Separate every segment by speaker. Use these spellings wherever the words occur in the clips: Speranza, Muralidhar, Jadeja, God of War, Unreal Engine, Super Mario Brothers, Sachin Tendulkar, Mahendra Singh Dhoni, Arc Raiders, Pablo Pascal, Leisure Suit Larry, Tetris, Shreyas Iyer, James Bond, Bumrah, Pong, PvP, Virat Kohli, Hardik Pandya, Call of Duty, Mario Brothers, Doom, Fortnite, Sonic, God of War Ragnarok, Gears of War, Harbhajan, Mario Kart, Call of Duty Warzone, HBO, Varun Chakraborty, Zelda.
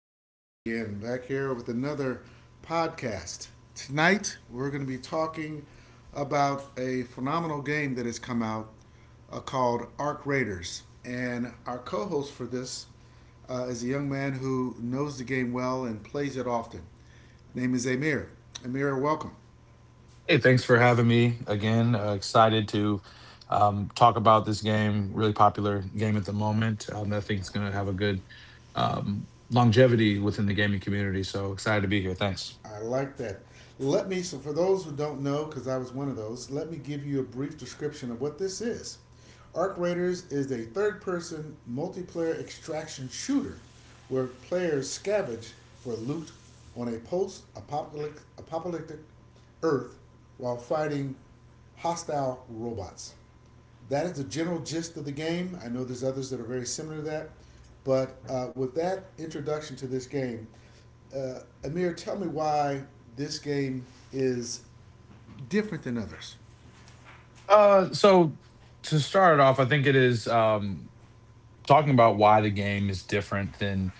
Speaker 1: Tyson again, back here with another podcast. Tonight, we're going to be talking about a phenomenal game that has come out called Arc Raiders. And our co host for this is a young man who knows the game well and plays it often. His Name is Amir. Amir, welcome.
Speaker 2: Hey, thanks for having me again. Excited to talk about this game. Really popular game at the moment. I think it's going to have a good longevity within the gaming community. So excited to be here. Thanks.
Speaker 1: I like that. So for those who don't know, because I was one of those, let me give you a brief description of what this is. Arc Raiders is a third person multiplayer extraction shooter where players scavenge for loot on a post apocalyptic Earth while fighting hostile robots. That is the general gist of the game. I know there's others that are very similar to that, but with that introduction to this game, Amir, tell me why this game is different than others.
Speaker 2: So to start it off, I think it is. Talking about why the game is different than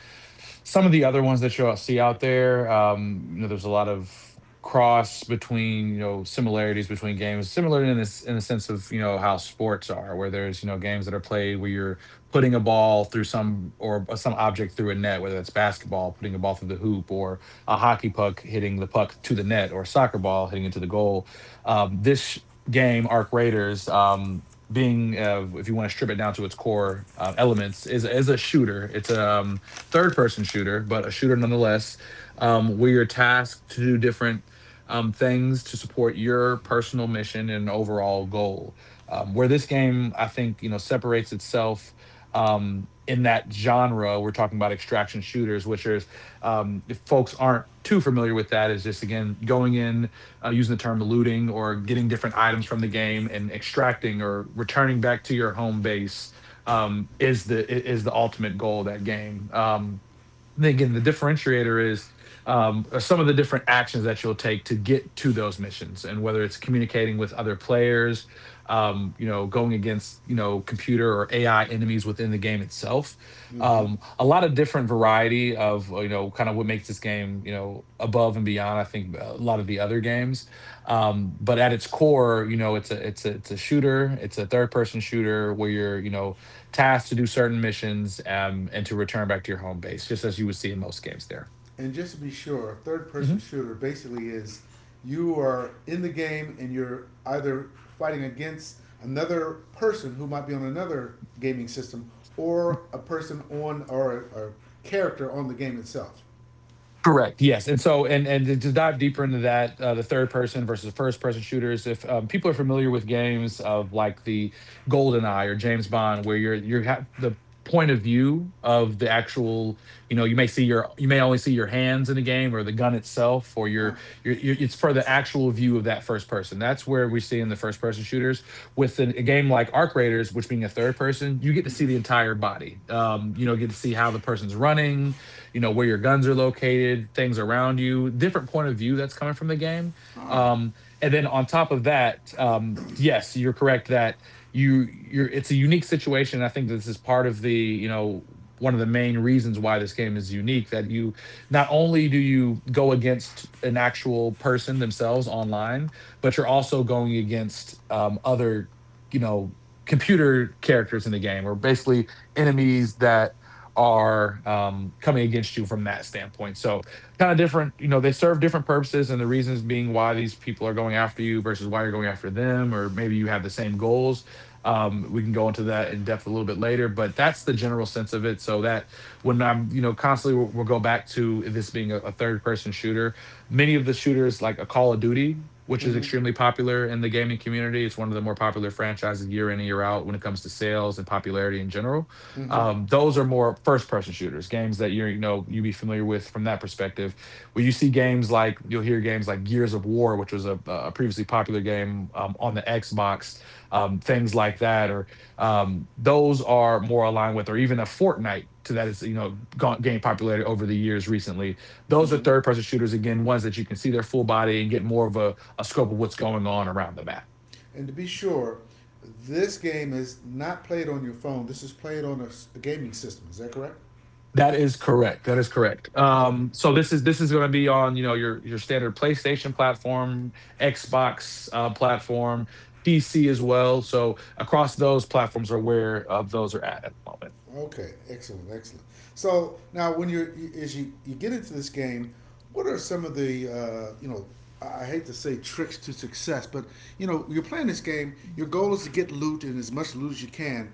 Speaker 2: some of the other ones that you'll see out there. You know, there's a lot of cross between you know similarities between games, similar in this in the sense of you know how sports are, where there's you know games that are played where you're putting a ball through some or some object through a net, whether that's basketball, putting a ball through the hoop, or a hockey puck hitting the puck to the net, or a soccer ball hitting into the goal. This game, Arc Raiders. Being If you want to strip it down to its core elements is a shooter, it's a third person shooter, but a shooter nonetheless, where you're tasked to do different things to support your personal mission and overall goal, where this game I think you know separates itself in that genre. We're talking about extraction shooters, which is, if folks aren't too familiar with that, is just again going in, using the term looting or getting different items from the game and extracting or returning back to your home base, um, is the is the ultimate goal of that game. And then again, the differentiator is, are some of the different actions that you'll take to get to those missions, and whether it's communicating with other players, you know, going against you know computer or AI enemies within the game itself.
Speaker 1: Mm-hmm.
Speaker 2: A lot of different variety of you know kind of what makes this game you know above and beyond. I think a lot of the other games, but at its core, you know, it's a shooter. It's a third person shooter where you're you know tasked to do certain missions and to return back to your home base, just as you would see in most games there.
Speaker 1: And just to be sure, third-person
Speaker 2: Mhm.
Speaker 1: shooter basically is you are in the game and you're either fighting against another person who might be on another gaming system or a person on, or a character on the game itself.
Speaker 2: Correct. Yes. And so, and to dive deeper into that, the third person versus first person shooters. If people are familiar with games of like the Golden Eye or James Bond, where the point of view of the actual, you know, you may see your you may only see your hands in the game or the gun itself, or your it's for the actual view of that first person. That's where we see in the first person shooters. With a game like Arc Raiders, which being a third person, you get to see the entire body. You know, get to see how the person's running, you know where your guns are located, things around you, different point of view that's coming from the game.
Speaker 1: Oh.
Speaker 2: Um, and then on top of that, yes, you're correct that you're it's a unique situation. I think this is part of the you know one of the main reasons why this game is unique, that you not only do you go against an actual person themselves online, but you're also going against other, you know, computer characters in the game, or basically enemies that are coming against you from that standpoint. So, kind of different, you know, they serve different purposes and the reasons being why these people are going after you versus why you're going after them, or maybe you have the same goals. We can go into that in depth a little bit later, but that's the general sense of it. So, that when I'm, you know, constantly we'll go back to this being a third person shooter. Many of the shooters, like a Call of Duty, which is
Speaker 1: Mm-hmm.
Speaker 2: extremely popular in the gaming community, it's one of the more popular franchises year in and year out when it comes to sales and popularity in general,
Speaker 1: Mm-hmm.
Speaker 2: those are more first-person shooters, games that you're, you know, you be familiar with from that perspective. Where you see games like you'll hear games like Gears of War, which was a previously popular game on the Xbox, things like that, or those are more aligned with, or even a Fortnite to that is, you know, game popularity over the years recently. Those are
Speaker 1: Mm-hmm.
Speaker 2: third-person shooters again, ones that you can see their full body and get more of a scope of what's going on around the map.
Speaker 1: And to be sure, this game is not played on your phone. This is played on a, a gaming system. Is that correct?
Speaker 2: That is correct. That is correct.
Speaker 1: Okay.
Speaker 2: So this is going to be on you know your standard PlayStation platform, Xbox platform, PC as well. So across those platforms are where those are at the moment.
Speaker 1: Okay. Excellent. Excellent. So now, when as you get into this game, what are some of the I hate to say tricks to success, but you know you're playing this game. Your goal is to get loot and as much loot as you can.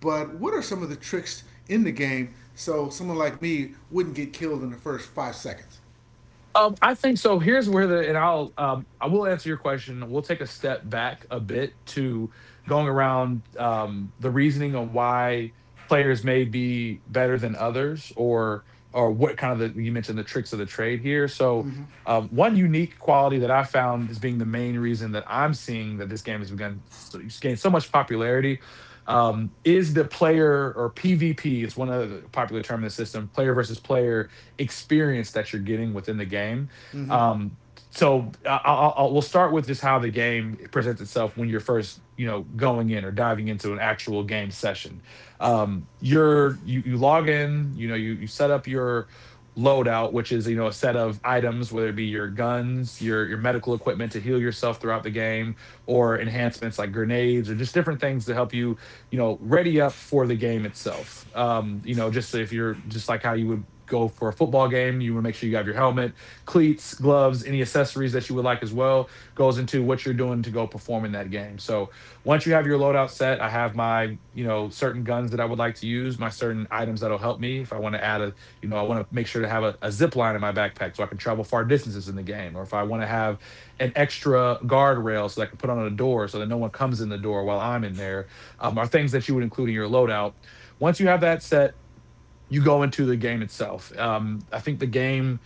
Speaker 1: But what are some of the tricks in the game so someone like me wouldn't get killed in the first 5 seconds?
Speaker 2: I think so. Here's where the and I'll I will answer your question. We'll take a step back a bit to going around the reasoning on why players may be better than others, or what kind of the you mentioned the tricks of the trade here. So one unique quality that I found is being the main reason that I'm seeing that this game has begun so it's gained so much popularity, is the player or PvP, it's one other popular term in the system, player versus player experience that you're getting within the game.
Speaker 1: Mm-hmm.
Speaker 2: Um, so I- will we'll start with just how the game presents itself when you're first, you know, going in or diving into an actual game session. You log in, you know, you set up your loadout, which is you know a set of items, whether it be your guns, your medical equipment to heal yourself throughout the game, or enhancements like grenades or just different things to help you you know, ready up for the game itself. You know, just if you're just like how you would go for a football game, you want to make sure you have your helmet, cleats, gloves, any accessories that you would like as well goes into what you're doing to go perform in that game. So once you have your loadout set, I have my, you know, certain guns that I would like to use, my certain items that'll help me. If I want to add you know, I want to make sure to have a zip line in my backpack so I can travel far distances in the game, or if I want to have an extra guardrail so that I can put on a door so that no one comes in the door while I'm in there, are things that you would include in your loadout. Once you have that set, you go into the game itself. I think the game,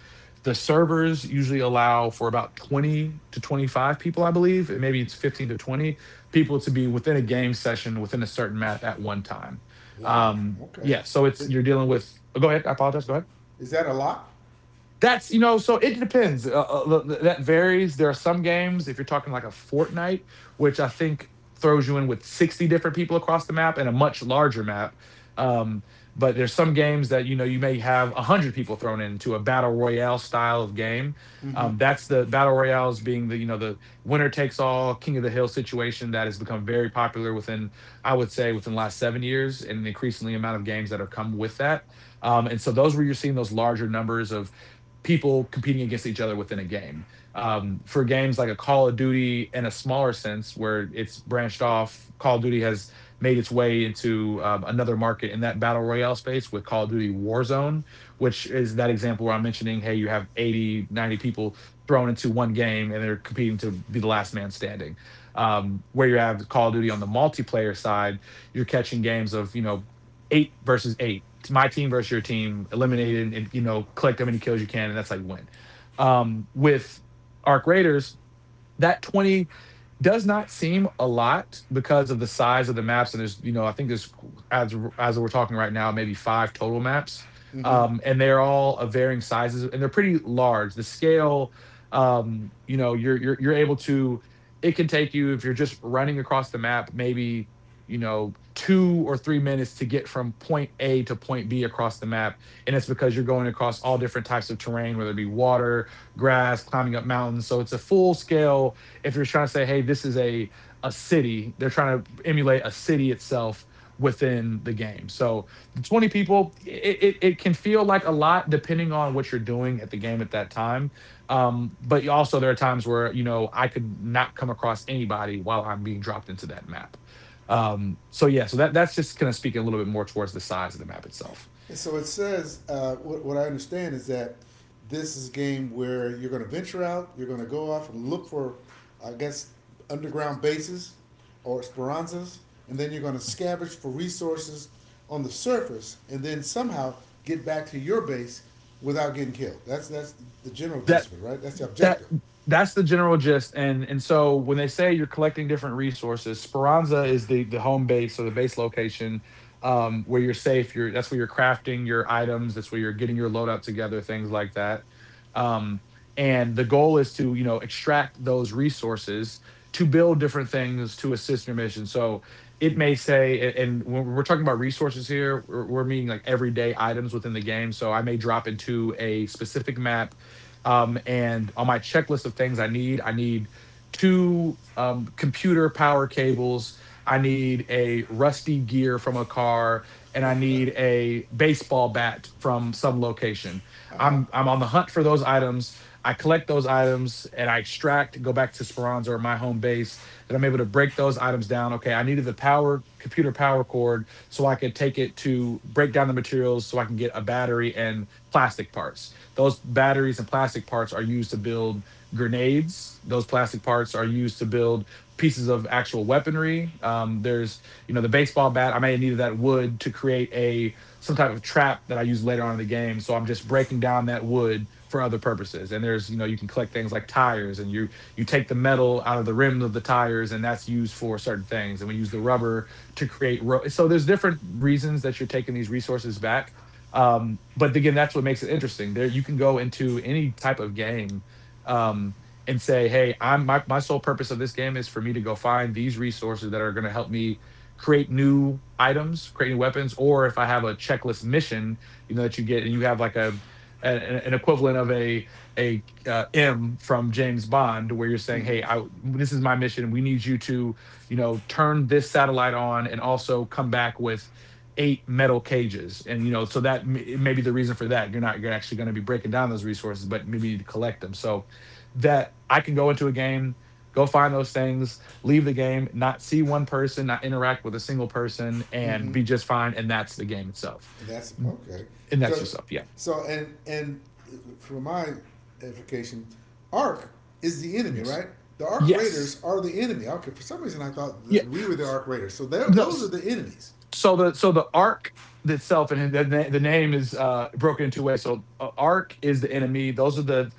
Speaker 2: the servers usually allow for about 20 to 25 people, I believe, maybe it's 15 to 20 people to be within a game session within a certain map at one time.
Speaker 1: Wow. Okay.
Speaker 2: Yeah, so it's
Speaker 1: It,
Speaker 2: you're dealing with. Oh, go ahead. I apologize. Go ahead.
Speaker 1: is that a lot?
Speaker 2: That's you know, so it depends. That varies. There are some games if you're talking like a Fortnite, which I think throws you in with 60 different people across the map and a much larger map. Um, but there's some games that you know you may have 100 people thrown into a battle royale style of game. That's the battle royales being the you know the winner takes all king of the hill situation that has become very popular within I would say within the last 7 years and the increasingly amount of games that have come with that. And so those where you're seeing those larger numbers of people competing against each other within a game. For games like a Call of Duty in a smaller sense, where it's branched off, Call of Duty has made its way into another market in that battle royale space with Call of Duty Warzone, which is that example where I'm mentioning, hey, you have 80, 90 people thrown into one game and they're competing to be the last man standing. Where you have Call of Duty on the multiplayer side, you're catching games of, you know, 8 versus 8. My team versus your team, eliminated and you know, collect how many kills you can, and that's how you win. With Arc Raiders, that 20 does not seem a lot because of the size of the maps. And there's, you know, I think there's, as we're talking right now, maybe five total maps. And they're all of varying sizes and they're pretty large. The scale, you know, you're able to, it can take you, if you're just running across the map, maybe, you know, 2 or 3 minutes to get from point A to point B across the map. And it's because you're going across all different types of terrain, whether it be water, grass, climbing up mountains. So it's a full scale. If you're trying to say, hey, this is a city, they're trying to emulate a city itself within the game. So 20 people, it can feel like a lot depending on what you're doing at the game at that time. But also there are times where, you know, I could not come across anybody while I'm being dropped into that map. So yeah, so that's just kind of speaking a little bit more towards the size of the map itself.
Speaker 1: And so it says, what I understand is that this is a game where you're going to venture out, you're going to go off and look for, I guess, underground bases or esperanzas, and then you're going to scavenge for resources on the surface, and then somehow get back to your base without getting killed. That's the general
Speaker 2: That
Speaker 1: gist of it, right? That's the
Speaker 2: that
Speaker 1: objective.
Speaker 2: that's the general gist, and so when they say you're collecting different resources, Speranza is the home base or the base location, um, where you're safe, you're, that's where you're crafting your items, that's where you're getting your load up together, things like that. Um, and the goal is to, you know, extract those resources to build different things to assist your mission. So it may say and when we're talking about resources here, we're meaning like everyday items within the game. So I may drop into a specific map, and on my checklist of things I need two computer power cables. I need a rusty gear from a car, and I need a baseball bat from some location. I'm on the hunt for those items. I collect those items and I extract, go back to Speranza or my home base, and I'm able to break those items down. Okay, I needed the power, computer power cord so I could take it to break down the materials so I can get a battery and plastic parts. Those batteries and plastic parts are used to build grenades. Those plastic parts are used to build pieces of actual weaponry. There's, you know, the baseball bat. I may have needed that wood to create a some type of trap that I use later on in the game. So I'm just breaking down that wood for other purposes. And there's, you know, you can collect things like tires, and you take the metal out of the rims of the tires, and that's used for certain things. And we use the rubber to create. So there's different reasons that you're taking these resources back. But again, that's what makes it interesting. There, you can go into any type of game, um, and say, "Hey, I'm my my sole purpose of this game is for me to go find these resources that are going to help me create new items, create new weapons, or if I have a checklist mission, you know, that you get, and you have like an equivalent of a M from James Bond, where you're saying,
Speaker 1: Mm-hmm.
Speaker 2: "Hey, I, this is my mission. We need you to, you know, turn this satellite on, and also come back with eight metal cages." And you know, so that may be the reason for that. You're not, you're actually going to be breaking down those resources, but maybe you need to collect them. So that I can go into a game, go find those things, leave the game, not see one person, not interact with a single person, and
Speaker 1: Mm-hmm.
Speaker 2: be just fine. And that's the game itself.
Speaker 1: That's okay.
Speaker 2: And that's
Speaker 1: Cause
Speaker 2: yourself. Yeah.
Speaker 1: so and for my edification, Ark is the enemy,
Speaker 2: Yes.
Speaker 1: right? The Ark
Speaker 2: Yes.
Speaker 1: Raiders are the enemy. Okay, for some reason I thought
Speaker 2: Yeah.
Speaker 1: that we were the Ark Raiders. So
Speaker 2: no
Speaker 1: those are
Speaker 2: s-
Speaker 1: the enemies.
Speaker 2: so the so the arc itself, and the, the name is broken in two ways. So arc is the enemy. Those are the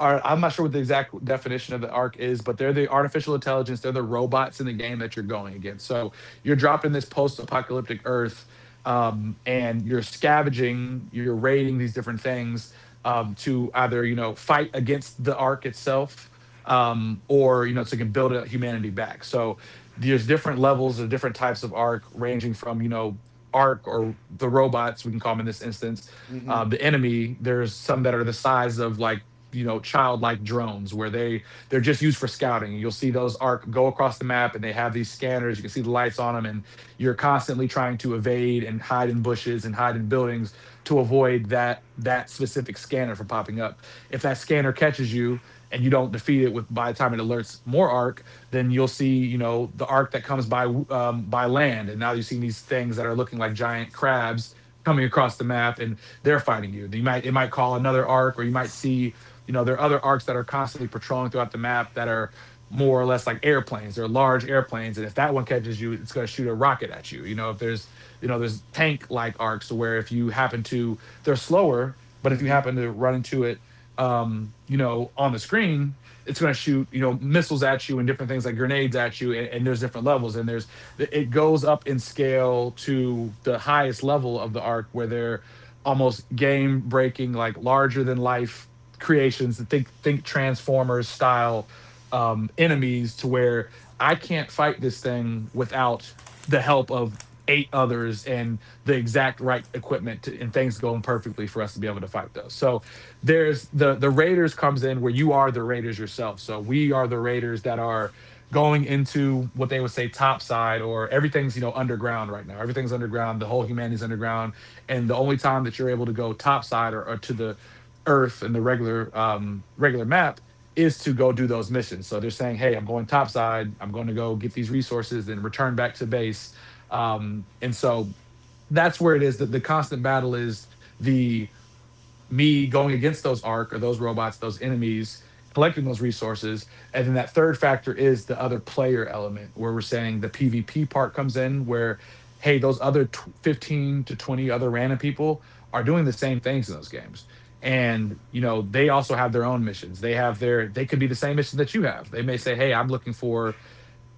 Speaker 2: are I'm not sure what the exact definition of the arc is, but they're the artificial intelligence, they're the robots in the game that you're going against. So you're dropped in this post-apocalyptic earth, um, and you're scavenging, you're raiding these different things, um, to either, you know, fight against the arc itself, um, or, you know, so you can build a humanity back. So there's different levels of different types of arc, ranging from, you know, arc or the robots we can call them in this instance,
Speaker 1: Mm-hmm.
Speaker 2: the enemy. There's some that are the size of like, you know, childlike drones where they're just used for scouting. You'll see those arc go across the map and they have these scanners, you can see the lights on them, and you're constantly trying to evade and hide in bushes and hide in buildings to avoid that specific scanner from popping up. If that scanner catches you, and you don't defeat it with by the time it alerts more arc, then you'll see, you know, the arc that comes by, by land, and now you're seeing these things that are looking like giant crabs coming across the map, and they're fighting you. You might, it might call another arc, or you might see, you know, there are other arcs that are constantly patrolling throughout the map that are more or less like airplanes. They're large airplanes, and if that one catches you, it's going to shoot a rocket at you. You know, if there's, you know, there's tank like arcs where if you happen to, they're slower, but if you
Speaker 1: Mm-hmm.
Speaker 2: happen to run into it, you know, on the screen it's going to shoot, you know, missiles at you and different things like grenades at you. And there's different levels, and there's, it goes up in scale to the highest level of the arc where they're almost game breaking, like larger than life creations. Think transformers style, um, enemies to where I can't fight this thing without the help of eight others and the exact right equipment to, and things going perfectly for us to be able to fight those. So there's the raiders comes in where you are the raiders yourself. So we are the raiders that are going into what they would say topside. Or everything's, you know, underground right now, everything's underground, the whole humanity's underground. And the only time that you're able to go topside, or to the earth and the regular, um, regular map is to go do those missions. So they're saying, hey, I'm going topside, I'm going to go get these resources and return back to base. Um, and so that's where it is, that the constant battle is, the me going against those arc or those robots, those enemies, collecting those resources. And then that third factor is the other player element, where we're saying the PvP part comes in, where hey, those other tw 15 to 20 other random people are doing the same things in those games. And you know, they also have their own missions. They have their, they could be the same mission that you have. They may say, "Hey, I'm looking for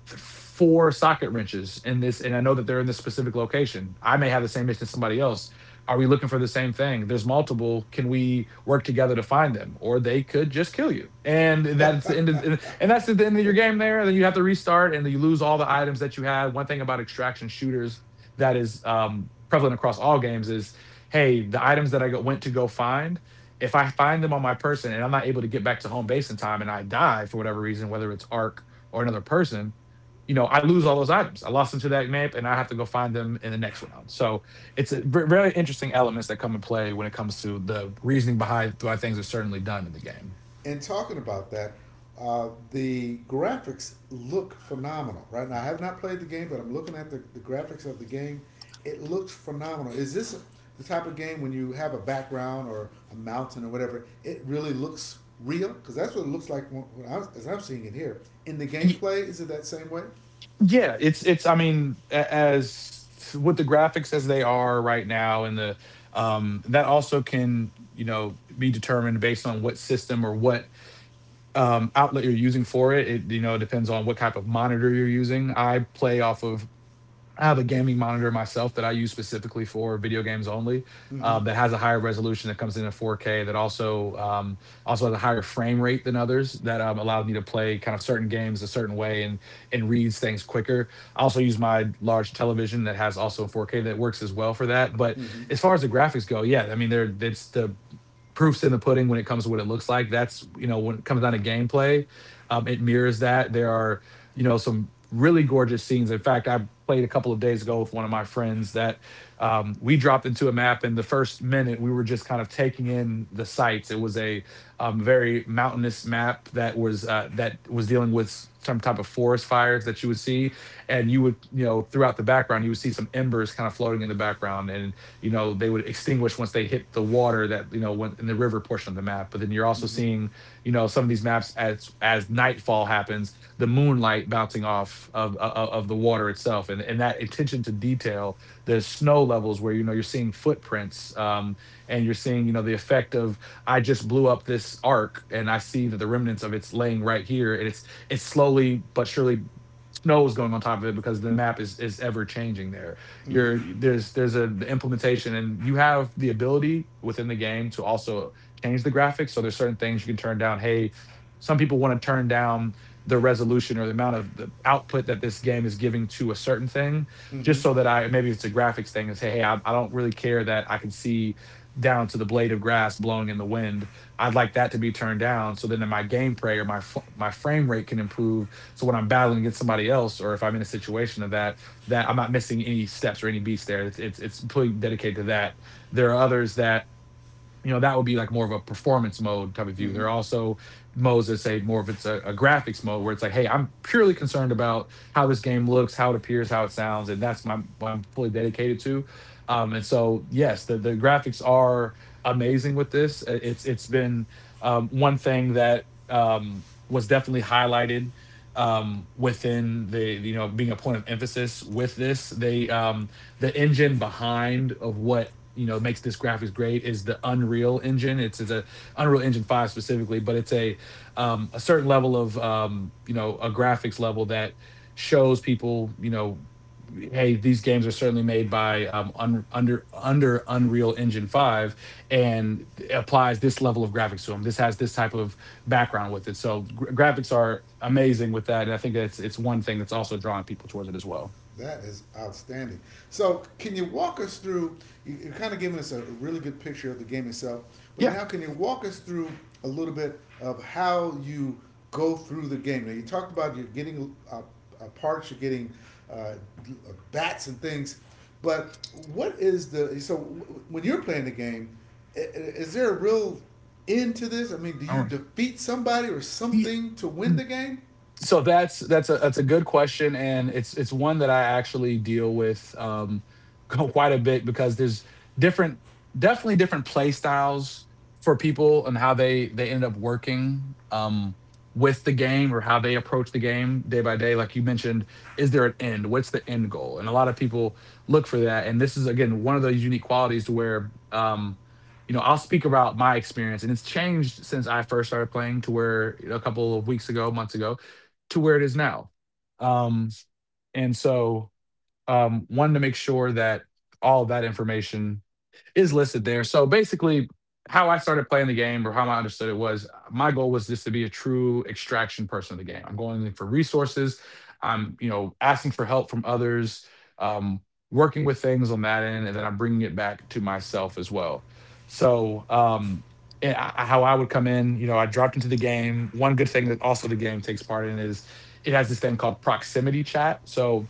Speaker 2: four socket wrenches in this, and I know that they're in this specific location. I may have the same issue as somebody else. Are we looking for the same thing? There's multiple. Can we work together to find them? Or they could just kill you, and that's the end of your game there. Then you have to restart and you lose all the items that you had. One thing about extraction shooters that is, prevalent across all games is, hey, the items that I went to go find, if I find them on my person and I'm not able to get back to home base in time, and I die for whatever reason, whether it's arc or another person, you know, I lose all those items. I lost them to that map, and I have to go find them in the next round. So it's a very interesting elements that come in play when it comes to the reasoning behind why things are certainly done in the game.
Speaker 1: And talking about that, the graphics look phenomenal right now. I have not played the game, but I'm looking at the graphics of the game. It looks phenomenal. Is this the type of game when you have a background or a mountain or whatever? It really looks real because that's what it looks like when I'm, as I'm seeing it here. In the
Speaker 2: Y-
Speaker 1: gameplay, is it that same way?
Speaker 2: yeah, it's. I mean, as with the graphics as they are right now, and the, um, that also can, you know, be determined based on what system or what, um, outlet you're using for it. It, you know, depends on what type of monitor you're using. I play off of, I have a gaming monitor myself that I use specifically for video games only, that has a higher resolution that comes in at 4K. That also, also has a higher frame rate than others. That, allows me to play kind of certain games a certain way and reads things quicker. I also use my large television that has also 4K that works as well for that. But
Speaker 1: Mm-hmm.
Speaker 2: as far as the graphics go, yeah, I mean, they're it's the proofs in the pudding when it comes to what it looks like. That's, you know, when it comes down to gameplay, it mirrors that. There are, you know, some really gorgeous scenes. In fact, I played a couple of days ago with one of my friends that, we dropped into a map in the first minute. We were just kind of taking in the sights. It was a, very mountainous map that was dealing with some type of forest fires that you would see, and you would, you know, throughout the background you would see some embers kind of floating in the background, and you know they would extinguish once they hit the water that, you know, went in the river portion of the map. But then you're also
Speaker 1: Mm-hmm.
Speaker 2: seeing, you know, some of these maps as nightfall happens, the moonlight bouncing off of, of the water itself, and that attention to detail, the snow levels where, you know, you're seeing footprints, and you're seeing, you know, the effect of, I just blew up this arc and I see that the remnants of it's laying right here, and it's slowly but surely snow is going on top of it because the map is ever changing there.
Speaker 1: Mm-hmm.
Speaker 2: You're there's there's a the implementation, and you have the ability within the game to also change the graphics. So there's certain things you can turn down. Hey, some people want to turn down the resolution or the amount of the output that this game is giving to a certain thing, just
Speaker 1: Mm-hmm.
Speaker 2: so that I, maybe it's a graphics thing and say, hey, I don't really care that I can see down to the blade of grass blowing in the wind. I'd like that to be turned down so then my gameplay or my my frame rate can improve. So when I'm battling against somebody else, or if I'm in a situation of that, that I'm not missing any steps or any beats there. It's completely dedicated to that. There are others that, you know, that would be like more of a performance mode type of view.
Speaker 1: Mm-hmm.
Speaker 2: There are also modes that say more of, it's a graphics mode, where it's like, hey, I'm purely concerned about how this game looks, how it appears, how it sounds, and that's my, what I'm fully dedicated to. And so, yes, the graphics are amazing with this. It's been, one thing that was definitely highlighted, within the, you know, being a point of emphasis with this. They, the engine behind of what, you know, makes this graphics great is the Unreal Engine. It's a Unreal Engine five specifically, but it's a, a certain level of, you know, a graphics level that shows people, you know, hey, these games are certainly made by, under Unreal Engine five, and applies this level of graphics to them. This has this type of background with it. So graphics are amazing with that, and I think that's, it's one thing that's also drawing people towards it as well.
Speaker 1: That is outstanding. So, can you walk us through? Are kind of giving us a really good picture of the game itself, but
Speaker 2: Yeah.
Speaker 1: now can you walk us through a little bit of how you go through the game? Now, you talked about you're getting parts, you're getting uh, uh, bats and things, but what is the so when you're playing the game? Is there a real end to this? I mean, do
Speaker 2: All
Speaker 1: you
Speaker 2: right.
Speaker 1: defeat somebody or
Speaker 2: The,
Speaker 1: something to win the game?
Speaker 2: so that's a good question, and it's one that I actually deal with quite a bit, because there's different, definitely different play styles for people and how they end up working with the game, or how they approach the game day by day. Like you mentioned, is there an end, what's the end goal, and a lot of people look for that. And this is, again, one of those unique qualities to where, you know, I'll speak about my experience, and it's changed since I first started playing to where, you know, a couple of weeks ago, months ago, to where it is now. Um, and so, wanted to make sure that all of that information is listed there. So basically, how I started playing the game, or how I understood it, was my goal was just to be a true extraction person of the game. I'm going for resources. I'm, you know, asking for help from others, um, working with things on that end, and then I'm bringing it back to myself as well. So, and I, how I would come in, you know, I dropped into the game. One good thing that also the game takes part in is it has this thing called proximity chat. So,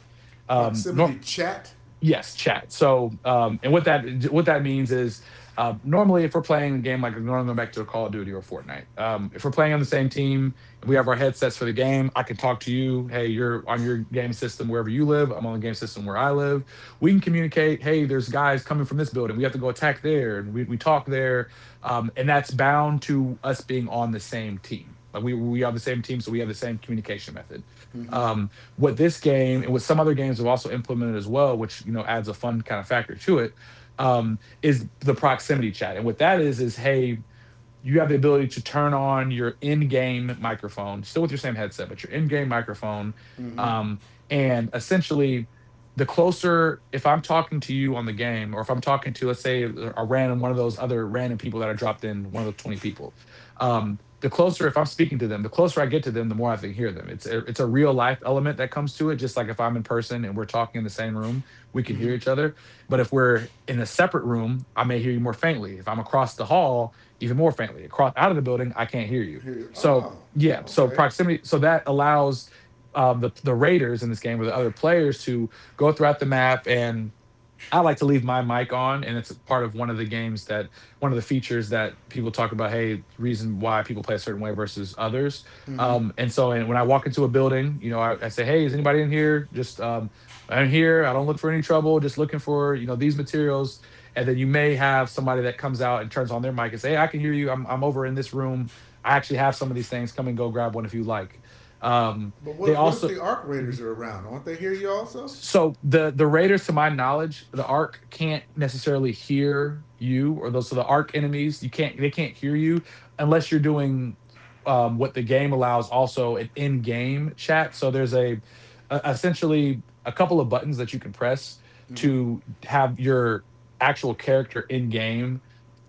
Speaker 2: um,
Speaker 1: Proximity
Speaker 2: nor-
Speaker 1: chat.
Speaker 2: Yes, chat. So, and what that, what that means is, normally if we're playing a game, like normally going back to a Call of Duty or Fortnite, if we're playing on the same team and we have our headsets for the game, I can talk to you. Hey, you're on your game system wherever you live. I'm on the game system where I live. We can communicate. Hey, there's guys coming from this building. We have to go attack there, and we talk there, and that's bound to us being on the same team. Like we have the same team, so we have the same communication method.
Speaker 1: Mm-hmm.
Speaker 2: Um, what this game and what some other games have also implemented as well, which, you know, adds a fun kind of factor to it, is the proximity chat. And what that is, hey, you have the ability to turn on your in-game microphone, still with your same headset, but your in-game microphone.
Speaker 1: Mm-hmm.
Speaker 2: Um, and essentially, the closer, if I'm talking to you on the game, or if I'm talking to, let's say, a random one of those other random people that are dropped in, one of the 20 people, the closer, if I'm speaking to them, the closer I get to them, the more I can hear them. It's a real life element that comes to it. Just like if I'm in person and we're talking in the same room, we can
Speaker 1: Mm-hmm.
Speaker 2: hear each other. But if we're in a separate room, I may hear you more faintly. If I'm across the hall, even more faintly. Across out of the building, I can't hear you.
Speaker 1: Here.
Speaker 2: So
Speaker 1: Oh,
Speaker 2: yeah, so
Speaker 1: okay.
Speaker 2: proximity, so that allows, the Raiders in this game or the other players to go throughout the map. And I like to leave my mic on, and it's part of one of the games that, one of the features that people talk about. Hey, reason why people play a certain way versus others.
Speaker 1: Mm-hmm.
Speaker 2: And so, and when I walk into a building, you know, I say, hey, is anybody in here? Just I'm here. I don't look for any trouble. Just looking for, you know, these materials. And then you may have somebody that comes out and turns on their mic and say, hey, I can hear you. I'm over in this room. I actually have some of these things. Come and go grab one if you like. Um,
Speaker 1: But
Speaker 2: they
Speaker 1: what if
Speaker 2: also.
Speaker 1: the Arc
Speaker 2: Mhm.
Speaker 1: Raiders are around? Aren't they here? You also.
Speaker 2: So the raiders, to my knowledge, the arc can't necessarily hear you, or those, so the arc enemies, you can't, they can't hear you unless you're doing, what the game allows also, an in-game chat. So there's a essentially a couple of buttons that you can press
Speaker 1: Mm-hmm.
Speaker 2: to have your actual character in game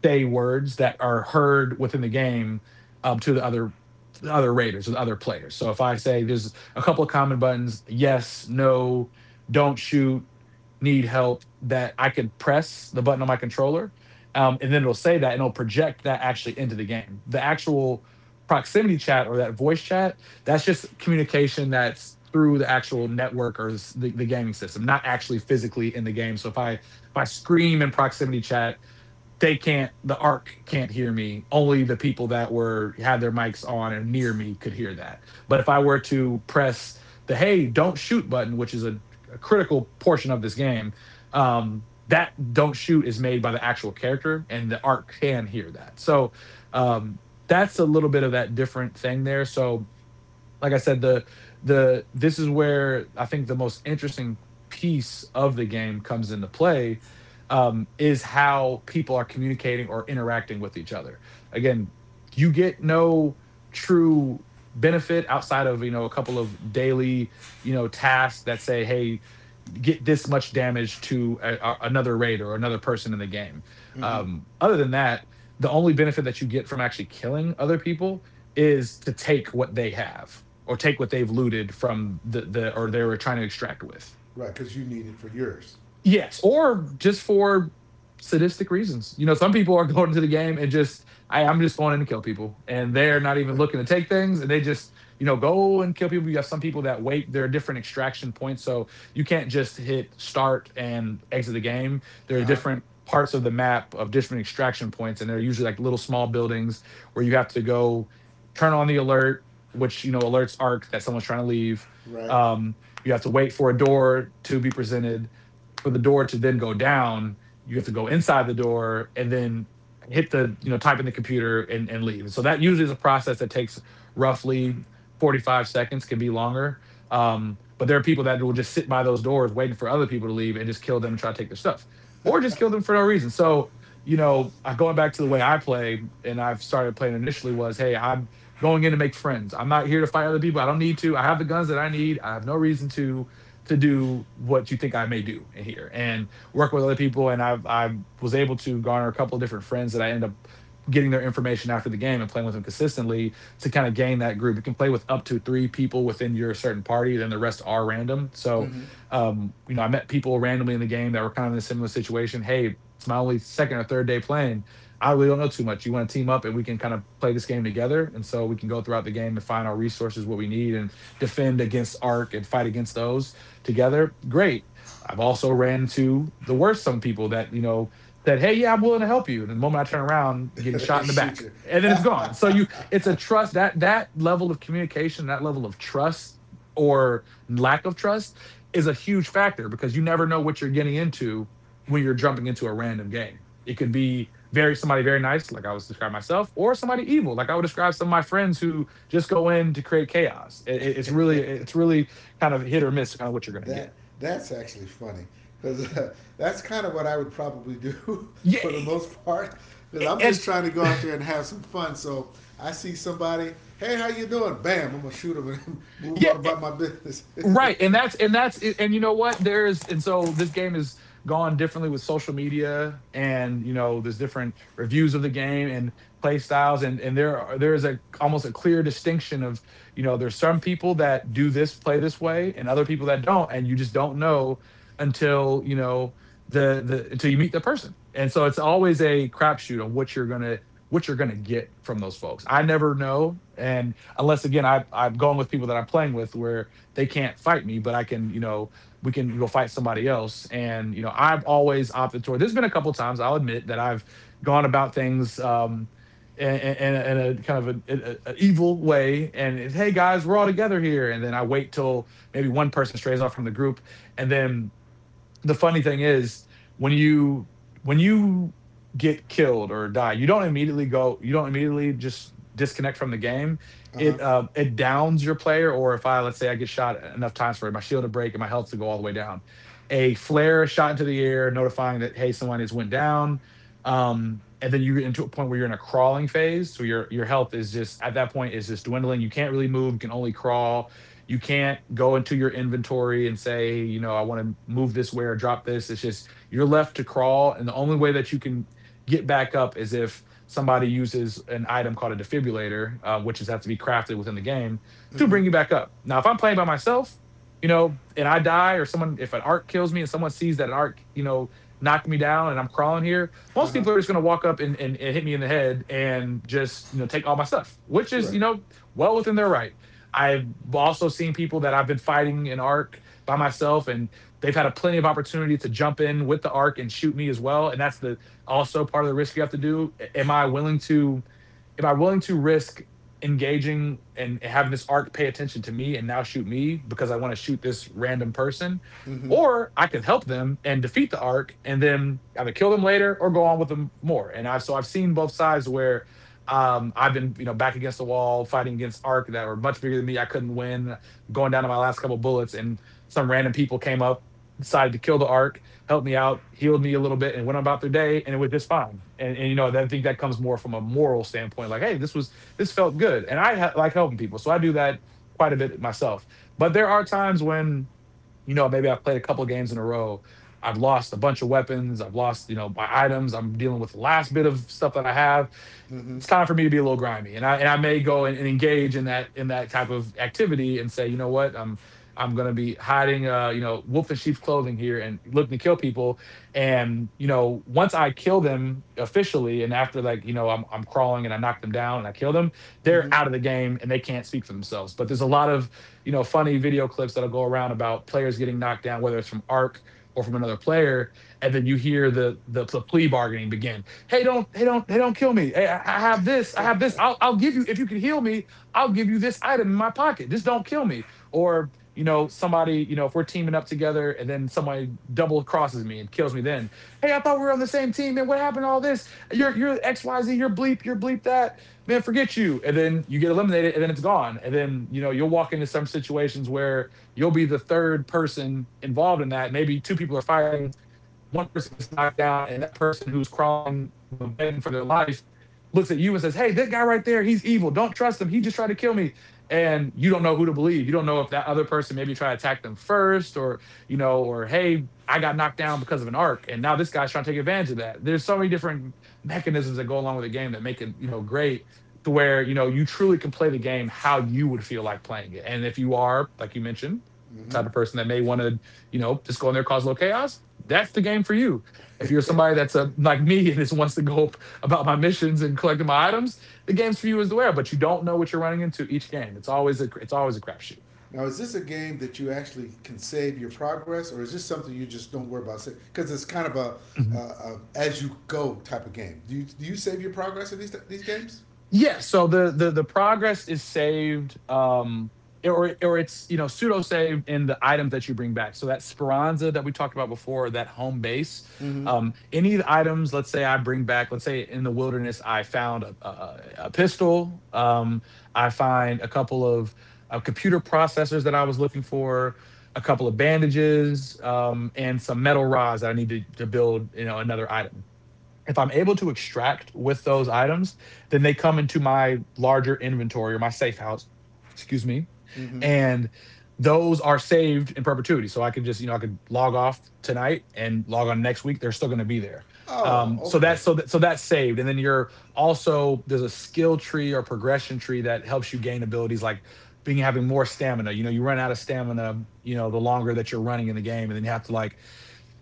Speaker 2: say words that are heard within the game, to the other, the other raiders or the other players. So if I say, there's a couple of common buttons, yes, no, don't shoot, need help, that I could press the button on my controller. And then it'll say that, and it'll project that actually into the game. The actual proximity chat, or that voice chat, that's just communication that's through the actual network, or the gaming system, not actually physically in the game. So if I, if I scream in proximity chat, they can't, the arc can't hear me, only the people that were, had their mics on and near me, could hear that. But if I were to press the, hey, don't shoot button, which is a critical portion of this game, that, don't shoot, is made by the actual character, and the arc can hear that. So, um that's a little bit of that different thing there. So, like I said, the, this is where I think the most interesting piece of the game comes into play, is how people are communicating or interacting with each other. Again, you get no true benefit outside of, you know, a couple of daily, you know, tasks that say, hey, get this much damage to a, another raid or another person in the game.
Speaker 1: Mm-hmm.
Speaker 2: Other than that, the only benefit that you get from actually killing other people is to take what they have or take what they've looted from the
Speaker 1: For,
Speaker 2: or they were trying to extract with.
Speaker 1: right, because you need it for yours.
Speaker 2: Yes, or just for sadistic reasons. You know, some people are going into the game and just, I'm just going in to kill people, and they're not even looking to take things, and they just, you know, go and kill people. You have some people that wait. There are different extraction points, so you can't just hit start and exit the game.
Speaker 1: Uh
Speaker 2: There are
Speaker 1: huh.
Speaker 2: different parts of the map of different extraction points, and they're usually like little small buildings where you have to go turn on the alert, which you know alerts Arc that someone's trying to leave.
Speaker 1: Right.
Speaker 2: Um, you have to wait for a door to be presented for the door to then go down, you have to go inside the door and then hit the, you know, type in the computer and leave. So that usually is a process that takes roughly 45 seconds, can be longer. But there are people that will just sit by those doors waiting for other people to leave and just kill them and try to take their stuff or just kill them for no reason. So, you know, going back to the way I play and I've started playing initially was, hey, I'm going in to make friends. I'm not here to fight other people. I don't need to. I have the guns that I need. I have no reason to do what you think I may do in here and work with other people. And I was able to garner a couple of different friends that I end up getting their information after the game and playing with them consistently to kind of gain that group. You can play with up to three people within your certain party, then the rest are random. So
Speaker 1: Mm-hmm.
Speaker 2: you know, I met people randomly in the game that were kind of in a similar situation. Hey, it's my only second or third day playing. I really don't know too much. You want to team up and we can kind of play this game together. And so we can go throughout the game and find our resources, what we need, and defend against arc and fight against those together, great. I've also ran into the worst some people that, you know, that, hey, yeah, I'm willing to help you. And the moment I turn around, getting shot
Speaker 1: They
Speaker 2: in the
Speaker 1: shoot
Speaker 2: back.
Speaker 1: you.
Speaker 2: And then it's gone. So you it's a trust that that level of communication, that level of trust or lack of trust is a huge factor because you never know what you're getting into when you're jumping into a random game. It could be very somebody very nice, like I would describe myself, or somebody evil, like I would describe some of my friends who just go in to create chaos. It's really, it's really kind of hit or miss, kind of what you're going to get.
Speaker 1: That that's actually funny because that's kind of what I would probably do
Speaker 2: Yeah,
Speaker 1: for the most part because I'm
Speaker 2: and
Speaker 1: just trying to go out there and have some fun. So I see somebody, hey, how you doing? Bam, I'm gonna shoot them and move
Speaker 2: yeah,
Speaker 1: on about my business. uh
Speaker 2: right, and that's and you know what? There's and so this game has gone differently with social media, and you know there's different reviews of the game and play styles, and there are, there is a almost a clear distinction of you know there's some people that do this play this way, and other people that don't, and you just don't know until you know the until you meet the person, and so it's always a crapshoot on what you're gonna get from those folks. I never know, and unless again I've gone with people that I'm playing with where they can't fight me, but I can, you know, we can go fight somebody else. And, you know, I've always opted toward, there's been a couple times I'll admit that I've gone about things, in a kind of an evil way, and it's, hey guys, we're all together here. And then I wait till maybe one person strays off from the group, and then the funny thing is when you when you get killed or die you don't immediately go you don't immediately just disconnect from the game.
Speaker 1: huh.
Speaker 2: It it downs your player. Or if I, let's say I get shot enough times for my shield to break and my health to go all the way down, a flare shot into the air notifying that hey someone has went down. And then you get into a point where you're in a crawling phase, so your health is just at that point is just dwindling, you can't really move, you can only crawl. You can't go into your inventory and say, you know, I want to move this way or drop this. It's just you're left to crawl. And the only way that you can get back up is if somebody uses an item called a defibrillator, which is have to be crafted within the game to
Speaker 1: Mm-hmm.
Speaker 2: bring you back up. Now, if I'm playing by myself, you know, and I die, or someone, if an arc kills me and someone sees that an arc, you know, knocked me down and I'm crawling here,
Speaker 1: Uh
Speaker 2: most
Speaker 1: huh.
Speaker 2: people are just going to walk up and hit me in the head and just, you know, take all my stuff, which is,
Speaker 1: Right.
Speaker 2: you know, well within their right. I've also seen people that I've been fighting an arc by myself, and they've had a plenty of opportunity to jump in with the arc and shoot me as well. And that's the also part of the risk you have to do. Am I willing to? Am I willing to risk engaging and having this arc pay attention to me and now shoot me because I want to shoot this random person?
Speaker 1: Mm-hmm.
Speaker 2: Or I could help them and defeat the arc and then either kill them later or go on with them more. And I've so I've seen both sides where I've been, you know, back against the wall fighting against arc that were much bigger than me. I couldn't win, going down to my last couple bullets, and some random people came up, decided to kill the arc, helped me out, healed me a little bit, and went about their day, and it was just fine. And you know, I think that comes more from a moral standpoint, like, hey, this was this felt good, and like helping people, so I do that quite a bit myself. But there are times when you know maybe I've played a couple games in a row. I've lost a bunch of weapons. I've lost, you know, my items. I'm dealing with the last bit of stuff that I have.
Speaker 1: Mm-hmm.
Speaker 2: It's time for me to be a little grimy, and I may go and engage in that type of activity and say, you know what, I'm going to be hiding, you know, wolf in sheep's clothing here, and looking to kill people. And you know once I kill them officially, and after like, you know, I'm crawling and I knock them down and I kill them, they're
Speaker 1: Mm-hmm.
Speaker 2: out of the game and they can't speak for themselves. But there's a lot of you know funny video clips that'll go around about players getting knocked down, whether it's from Ark or from another player. And then you hear the plea bargaining begin. Hey, don't, hey, don't, hey, don't kill me. Hey, I have this. I have this. I'll give you if you can heal me. I'll give you this item in my pocket. Just don't kill me. Or you know, somebody, you know, if we're teaming up together and then somebody double crosses me and kills me, then hey, I thought we were on the same team. Man. What happened to all this? You're XYZ. You're bleep. You're bleep that. Man, forget you. And then you get eliminated, and then it's gone. And then you know you'll walk into some situations where you'll be the third person involved in that. Maybe two people are fighting, one person gets knocked down and that person who's crawling, you know, begging for their life looks at you and says, "Hey, that guy right there, he's evil. Don't trust him. He just tried to kill me." And you don't know who to believe. You don't know if that other person maybe tried to attack them first, or, you know, or hey, I got knocked down because of an arc and now this guy's trying to take advantage of that. There's so many different mechanisms that go along with the game that make it, you know, great to where, you know, you truly can play the game how you would feel like playing it. And if you are, like you mentioned, the type of person that may want to just go in there, cause a little chaos. That's the game for you. If you're somebody
Speaker 1: mm-hmm.
Speaker 2: that's a, like me and just wants to go about my missions and collecting my items, the game's for you as the wearer. But you don't know what you're running into each game. It's always a crapshoot.
Speaker 1: Now, is this a game that you actually can save your progress, or is this something you just don't worry about? Because it's kind of a as you go type of game. Do you save your progress in these games?
Speaker 2: Yeah, so the progress is saved or it's pseudo saved in the items that you bring back. So that Speranza that we talked about before, that home base,
Speaker 1: Mm-hmm.
Speaker 2: any of the items, let's say I bring back, let's say in the wilderness I found a pistol, I find a couple of computer processors that I was looking for, a couple of bandages, and some metal rods that I need to build, you know, another item if I'm able to extract with those items, then they come into my larger inventory or my safe house, excuse me,
Speaker 1: Mm-hmm.
Speaker 2: and those are saved in perpetuity. So I can just, you know, I could log off tonight and log on next week. They're still going to be there.
Speaker 1: Oh,
Speaker 2: So
Speaker 1: okay.
Speaker 2: that's so that so that's saved. And then you're also there's a skill tree or progression tree that helps you gain abilities like being having more stamina. You know, you run out of stamina, you know, the longer that you're running in the game, and then you have to like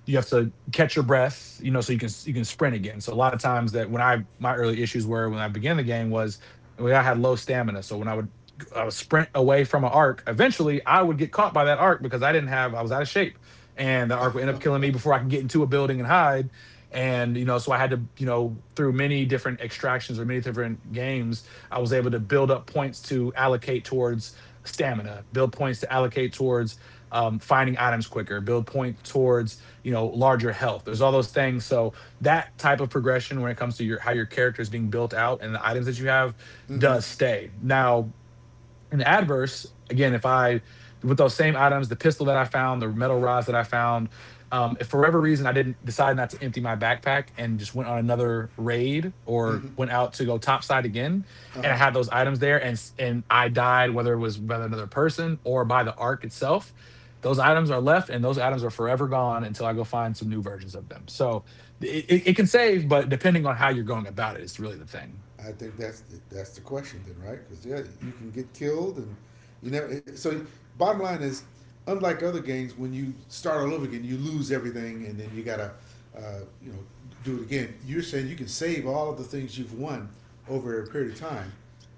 Speaker 2: you have to catch your breath, you know, so you can sprint again. So a lot of times that when I my early issues were when I began the game was well, I had low stamina. So when I would sprint away from an arc, eventually I would get caught by that arc because I didn't have I was out of shape, and the arc would end up killing me before I can get into a building and hide. And you know, so I had to you know through many different extractions or many different games, I was able to build up points to allocate towards stamina, build points to allocate towards finding items quicker, build points towards you know larger health there's all those things so that type of progression when it comes to your how your character is being built out and the items that you have
Speaker 1: mm-hmm.
Speaker 2: does stay now in the adverse, again, if I with those same items, the pistol that I found, the metal rods that I found, if for whatever reason I didn't decide not to empty my backpack and just went on another raid or
Speaker 1: Mm-hmm.
Speaker 2: went out to go topside again, and I
Speaker 1: Uh-huh.
Speaker 2: had those items there, and I died, whether it was by another person or by the arc itself, those items are left, and those items are forever gone until I go find some new versions of them. So it can save, but depending on how you're going about it, it's really the thing.
Speaker 1: I think that's the question then, right? Because yeah, you can get killed, and you never. So bottom line is, unlike other games, when you start all over again, you lose everything, and then you gotta, uh, you know, do it again. You're saying you can save all of the things you've won over a period of time,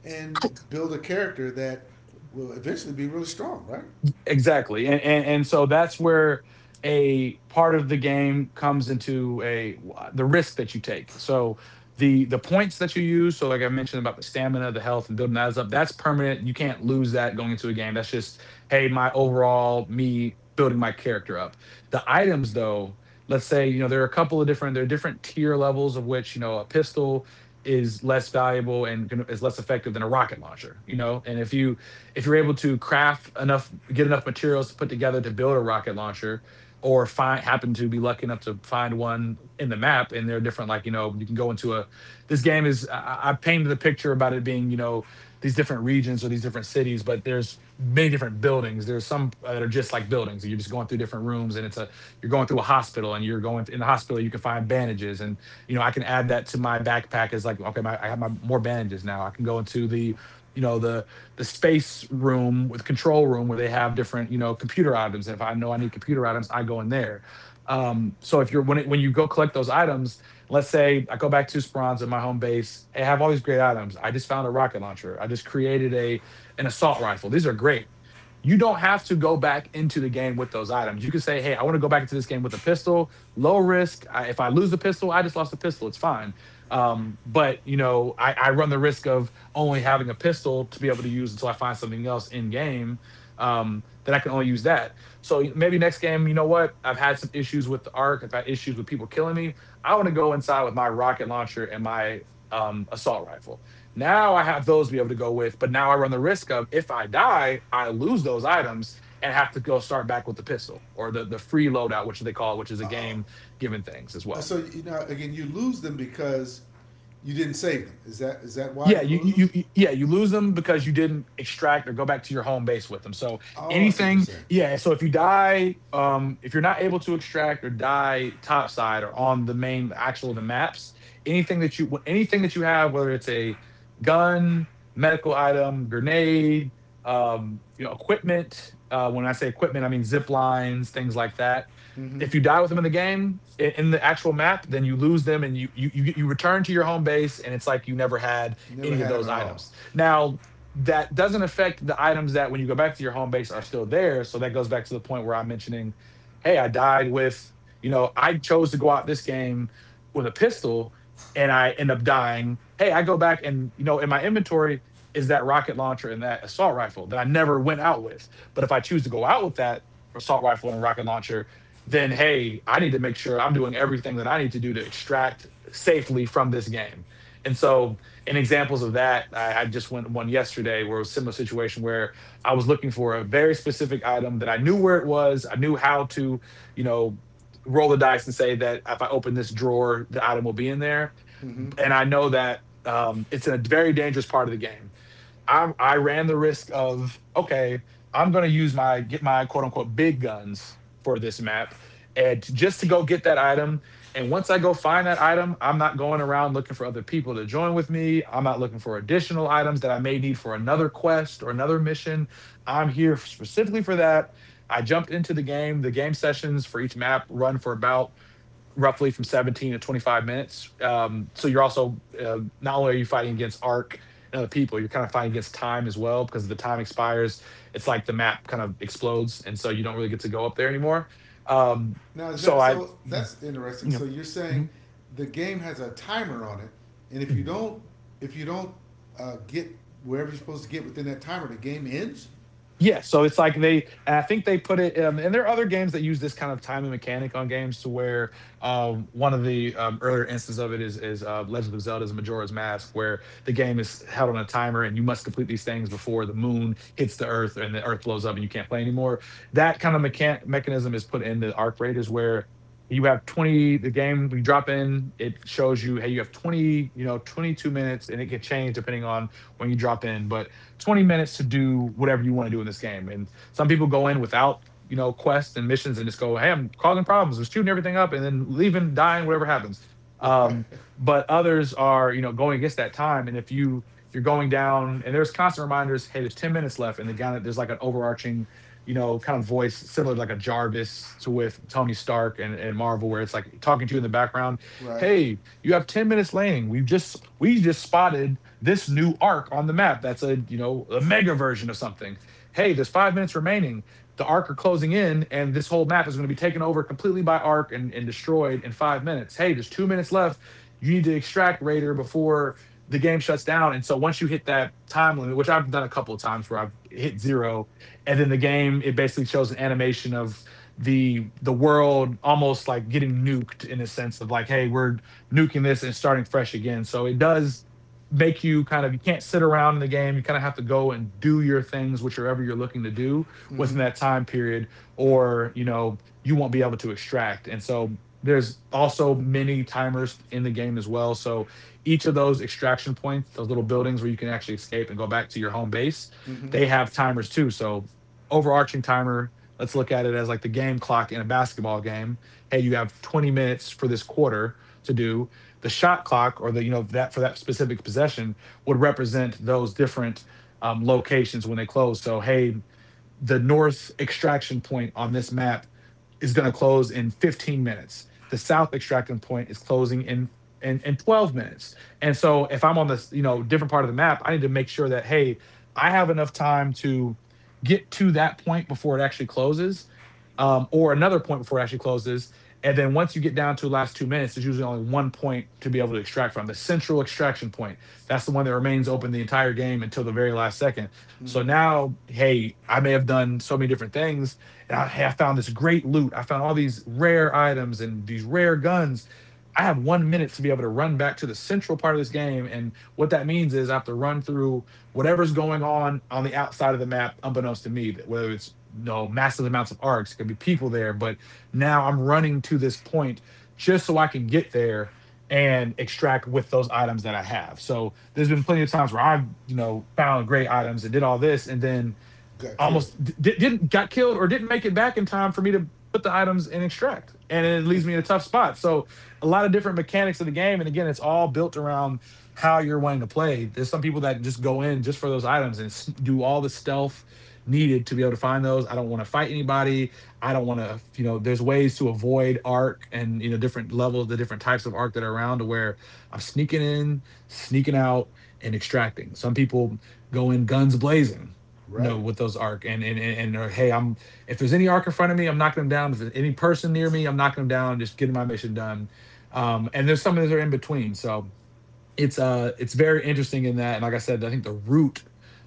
Speaker 1: and build a character that will eventually be really strong, right?
Speaker 2: Exactly. And so that's where a part of the game comes into a the risk that you take. So the points that you use, so like I mentioned about the stamina, the health, and building that up, that's permanent. You can't lose that going into a game. That's just, hey, my overall me building my character up. The items though, let's say, you know, there are a couple of different, there are different tier levels of which, you know, a pistol is less valuable and is less effective than a rocket launcher, you know. And if you're able to craft enough, get enough materials to put together to build a rocket launcher, or find happen to be lucky enough to find one in the map, and they're different. Like you know, you can go into a. This game is I painted the picture about it being you know these different regions or these different cities, but there's many different buildings. There's some that are just like buildings. You're just going through different rooms, and it's a you're going through a hospital, and you're going in the hospital. You can find bandages, and you know I can add that to my backpack as like okay, my, I have my more bandages now. I can go into the you know the space room with control room where they have different you know computer items if I know I need computer items I go in there. Um, so if you're when it, when you go collect those items, let's say I go back to Speranza, my home base, I have all these great items, I just found a rocket launcher, I just created a an assault rifle, these are great. You don't have to go back into the game with those items, you can say, hey, I want to go back into this game with a pistol, low risk. If I lose the pistol, I just lost the pistol, it's fine. Um, but you know I run the risk of only having a pistol to be able to use until I find something else in game. Then I can only use that. So maybe next game, you know what? I've had some issues with the arc. I've had issues with people killing me. I want to go inside with my rocket launcher and my assault rifle. Now I have those to be able to go with, but now I run the risk of if I die, I lose those items and have to go start back with the pistol or the free loadout, which they call, it, which is a
Speaker 1: Uh,
Speaker 2: game given things as well.
Speaker 1: so you know, again, you lose them because you didn't save them. Is that why
Speaker 2: Yeah,
Speaker 1: you
Speaker 2: you,
Speaker 1: lose them?
Speaker 2: you you yeah, you lose them because you didn't extract or go back to your home base with them. So
Speaker 1: Oh, I see what you're
Speaker 2: anything,
Speaker 1: saying.
Speaker 2: yeah. So if you die, if you're not able to extract or die topside or on the main actual the maps, anything that you have, whether it's a gun, medical item, grenade, you know, equipment. When I say equipment, I mean zip lines, things like that.
Speaker 1: Mm-hmm.
Speaker 2: If you die with them in the game, in the actual map, then you lose them and you return to your home base, and it's like you never had
Speaker 1: Never
Speaker 2: any of
Speaker 1: had them
Speaker 2: those
Speaker 1: at all.
Speaker 2: items. Now, that doesn't affect the items that when you go back to your home base are still there. So that goes back to the point where I'm mentioning, hey, I died with, you know, I chose to go out this game with a pistol and I end up dying. Hey, I go back and, you know, in my inventory is that rocket launcher and that assault rifle that I never went out with. But if I choose to go out with that assault rifle and rocket launcher, then hey, I need to make sure I'm doing everything that I need to do to extract safely from this game. And so and examples of that, I just went one yesterday where it was a similar situation where I was looking for a very specific item that I knew where it was. I knew how to, you know, roll the dice and say that if I open this drawer, the item will be in there.
Speaker 1: Hmm.
Speaker 2: And I know that it's in a very dangerous part of the game I ran the risk of okay, I'm gonna use my get my quote unquote big guns for this map, and just to go get that item. And once I go find that item, I'm not going around looking for other people to join with me. I'm not looking for additional items that I may need for another quest or another mission. I'm here specifically for that. I jumped into the game. The game sessions for each map run for about roughly from 17 to 25 minutes. So you're also not only are you fighting against arc and other people, you're kind of fighting against time as well because if the time expires. It's like the map kind of explodes, and so you don't really get to go up there anymore. Um,
Speaker 1: Now is
Speaker 2: so
Speaker 1: that so? That's interesting. So
Speaker 2: you
Speaker 1: you're
Speaker 2: know,
Speaker 1: saying the game has a timer on it, and
Speaker 2: mhm.
Speaker 1: if you don't get wherever you're supposed to get within that timer, the game ends.
Speaker 2: Yeah, so it's like they, and I think they put it, and there are other games that use this kind of time and mechanic on games to where one of the earlier instances of it is Legend of Zelda's Majora's Mask, where the game is held on a timer and you must complete these things before the moon hits the earth and the earth blows up and you can't play anymore. That kind of mechanism is put in the Arc Raiders where you have 20, the game we drop in, it shows you, hey, you have 20, 22 minutes, and it can change depending on when you drop in. But 20 minutes to do whatever you want to do in this game. And some people go in without, quests and missions, and just go, hey, I'm causing problems, I'm shooting everything up, and then leaving, dying, whatever happens.
Speaker 1: Right.
Speaker 2: Um, but others are, going against that time. And if you're going down, and there's constant reminders, hey, there's 10 minutes left. And the guy, there's like an overarching, kind of voice, similar to like a Jarvis to with Tony Stark and, Marvel, where it's like talking to you in the background.
Speaker 1: Right.
Speaker 2: Hey, you have 10 minutes laning. We just spotted this new arc on the map that's a, a mega version of something. Hey, there's 5 minutes remaining, the arc are closing in, and this whole map is going to be taken over completely by arc, and destroyed in 5 minutes. Hey, there's 2 minutes left, you need to extract raider before the game shuts down. And so once you hit that time limit, which I've done a couple of times where I've hit zero, and then the game, it basically shows an animation of the world almost like getting nuked, in a sense of like, hey, we're nuking this and starting fresh again. So it does make you kind of, you can't sit around in the game, you kind of have to go and do your things, whichever you're looking to do within
Speaker 1: Mm-hmm.
Speaker 2: that time period, or you won't be able to extract. And so there's also many timers in the game as well. So each of those extraction points, those little buildings where you can actually escape and go back to your home base,
Speaker 1: Mm-hmm.
Speaker 2: they have timers too. So, overarching timer, let's look at it as like the game clock in a basketball game. Hey, you have 20 minutes for this quarter to do. The shot clock, or the, that, for that specific possession, would represent those different, locations when they close. So hey, the north extraction point on this map is going to close in 15 minutes. The south extraction point is closing in in 12 minutes. And so if I'm on this, different part of the map, I need to make sure that, hey, I have enough time to get to that point before it actually closes, or another point before it actually closes. And then once you get down to the last 2 minutes, there's usually only one point to be able to extract from, the central extraction point. That's the one that remains open the entire game until the very last second. So
Speaker 1: Mm-hmm.
Speaker 2: now, hey, I may have done so many different things. And I, hey, I found this great loot, I found all these rare items and these rare guns. I have 1 minute to be able to run back to the central part of this game. And what that means is, I have to run through whatever's going on the outside of the map, unbeknownst to me, that, whether it's, massive amounts of arcs, it could be people there. But now I'm running to this point just so I can get there and extract with those items that I have. So there's been plenty of times where I've, found great items and did all this. And then
Speaker 1: Got killed.
Speaker 2: almost didn't, got killed or didn't make it back in time for me to put the items in, extract, and it leaves me in a tough spot. So, a lot of different mechanics of the game, and again, it's all built around how you're wanting to play. There's some people that just go in just for those items and do all the stealth needed to be able to find those. I don't want to fight anybody, I don't want to, there's ways to avoid arc, and different levels, the different types of arc that are around, to where I'm sneaking in, sneaking out, and extracting. Some people go in guns blazing, know
Speaker 1: Right.
Speaker 2: what those arc, and or, hey, I'm, if there's any arc in front of me, I'm knocking them down. If there's any person near me, I'm knocking them down, just getting my mission done. And there's some of those are in between. So it's very interesting in that. And like I said, I think the root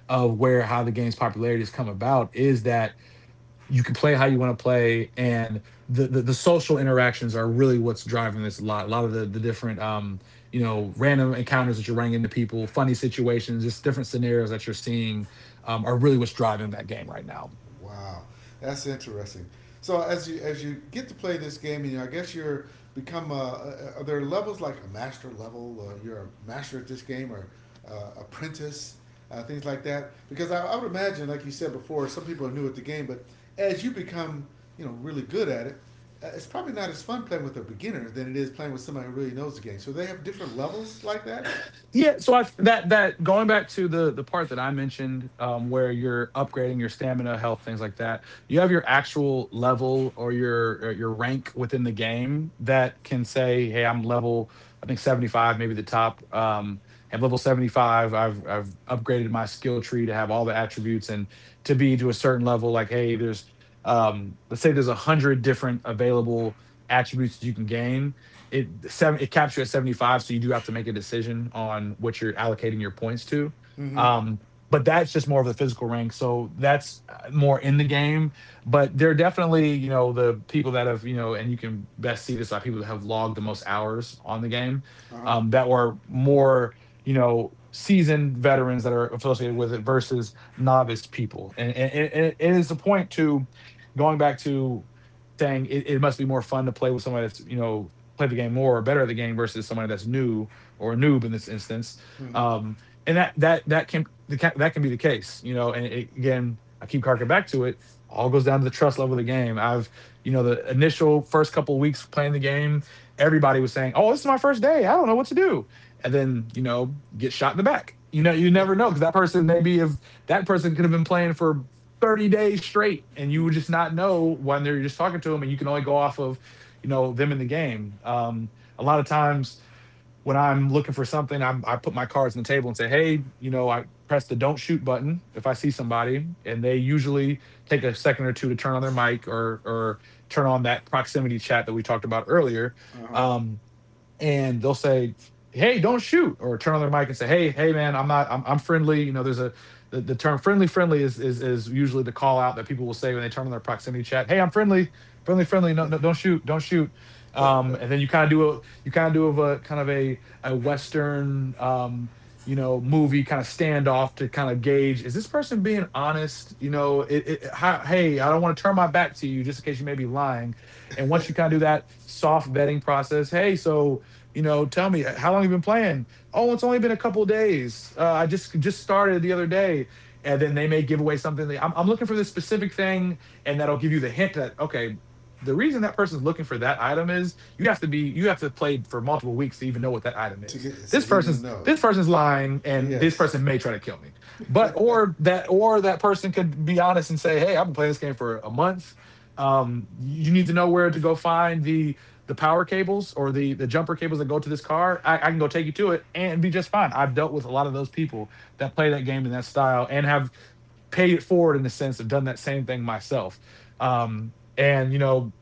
Speaker 2: of where how the game's popularity has come about is that you can play how you want to play. And the social interactions are really what's driving this. A lot, of the different, random encounters that you're running into, people, funny situations, just different scenarios that you're seeing, are really what's driving that game right now.
Speaker 1: Wow, that's interesting. So as you get to play this game, and you know, I guess you're become are there levels like a master level? You're a master at this game, or apprentice, things like that. Because I would imagine, like you said before, some people are new at the game, but as you become you know really good at it, it's probably not as fun playing with a beginner than it is playing with somebody who really knows the game. So they have different levels like that.
Speaker 2: Yeah, so I, that that going back to the part that I mentioned, where you're upgrading your stamina, health, things like that. You have your actual level or your, rank within the game, that can say, "Hey, I'm level, I think 75, maybe the top." Am level 75, I've upgraded my skill tree to have all the attributes and to be to a certain level. Like, hey, there's, let's say there's 100 different available attributes that you can gain. It caps you at 75, so you do have to make a decision on what you're allocating your points to.
Speaker 1: Mm-hmm.
Speaker 2: um but that's just more of the physical rank. So that's, more in the game. But there are definitely, the people that have, and you can best see this by people that have logged the most hours on the game,
Speaker 1: Uh huh.
Speaker 2: that were more, seasoned veterans that are associated with it versus novice people. And it is a point to going back to, saying, it must be more fun to play with somebody that's, play the game more or better the game versus somebody that's new, or a noob in this instance.
Speaker 1: Mm-hmm.
Speaker 2: Um, and that can be the case, you know. And it, again, I keep harking back to it. All goes down to the trust level of the game. I've, the initial first couple of weeks playing the game, everybody was saying, "Oh, this is my first day, I don't know what to do," and then get shot in the back. You know, you never know, because that person, maybe if that person could have been playing for 30 days straight and you would just not know when they are just talking to them, and you can only go off of, them in the game. A lot of times when I'm looking for something, I'm, I put my cards on the table and say, hey, I press the don't shoot button if I see somebody, and they usually take a second or two to turn on their mic, or turn on that proximity chat that we talked about earlier.
Speaker 1: uh huh.
Speaker 2: Um, and they'll say, hey, don't shoot, or turn on their mic and say, hey man, I'm not I'm, I'm friendly. You know, there's a, the term, friendly friendly, is, is usually the call out that people will say when they turn on their proximity chat. Hey, I'm friendly, friendly friendly, no, no, don't shoot, don't shoot.
Speaker 1: to
Speaker 2: And then you kind of do of a kind of a western, movie, kind of standoff, to kind of gauge, is this person being honest. You know, hey, I don't want to turn my back to you just in case you may be lying. And once you kind of do that soft vetting process, hey, so, tell me, how long have you been playing." "Oh, it's only been a couple of days. I just started the other day," and then they may give away something. That, I'm, looking for this specific thing, and that'll give you the hint that, okay, the reason that person's looking for that item is, you have to be, you have to play for multiple weeks to even know what that item is.
Speaker 1: get so
Speaker 2: This
Speaker 1: then you'll
Speaker 2: person's
Speaker 1: know.
Speaker 2: this person's lying, and this
Speaker 1: Yes.
Speaker 2: person may try to kill me. But, or that, or that person could be honest and say, hey, I've been playing this game for a month. You need to know where to go find the, power cables, or the, jumper cables, that go to this car. I can go take you to it and be just fine. I've dealt with a lot of those people that play that game in that style and have paid it forward in a sense of done that same thing myself. And you know,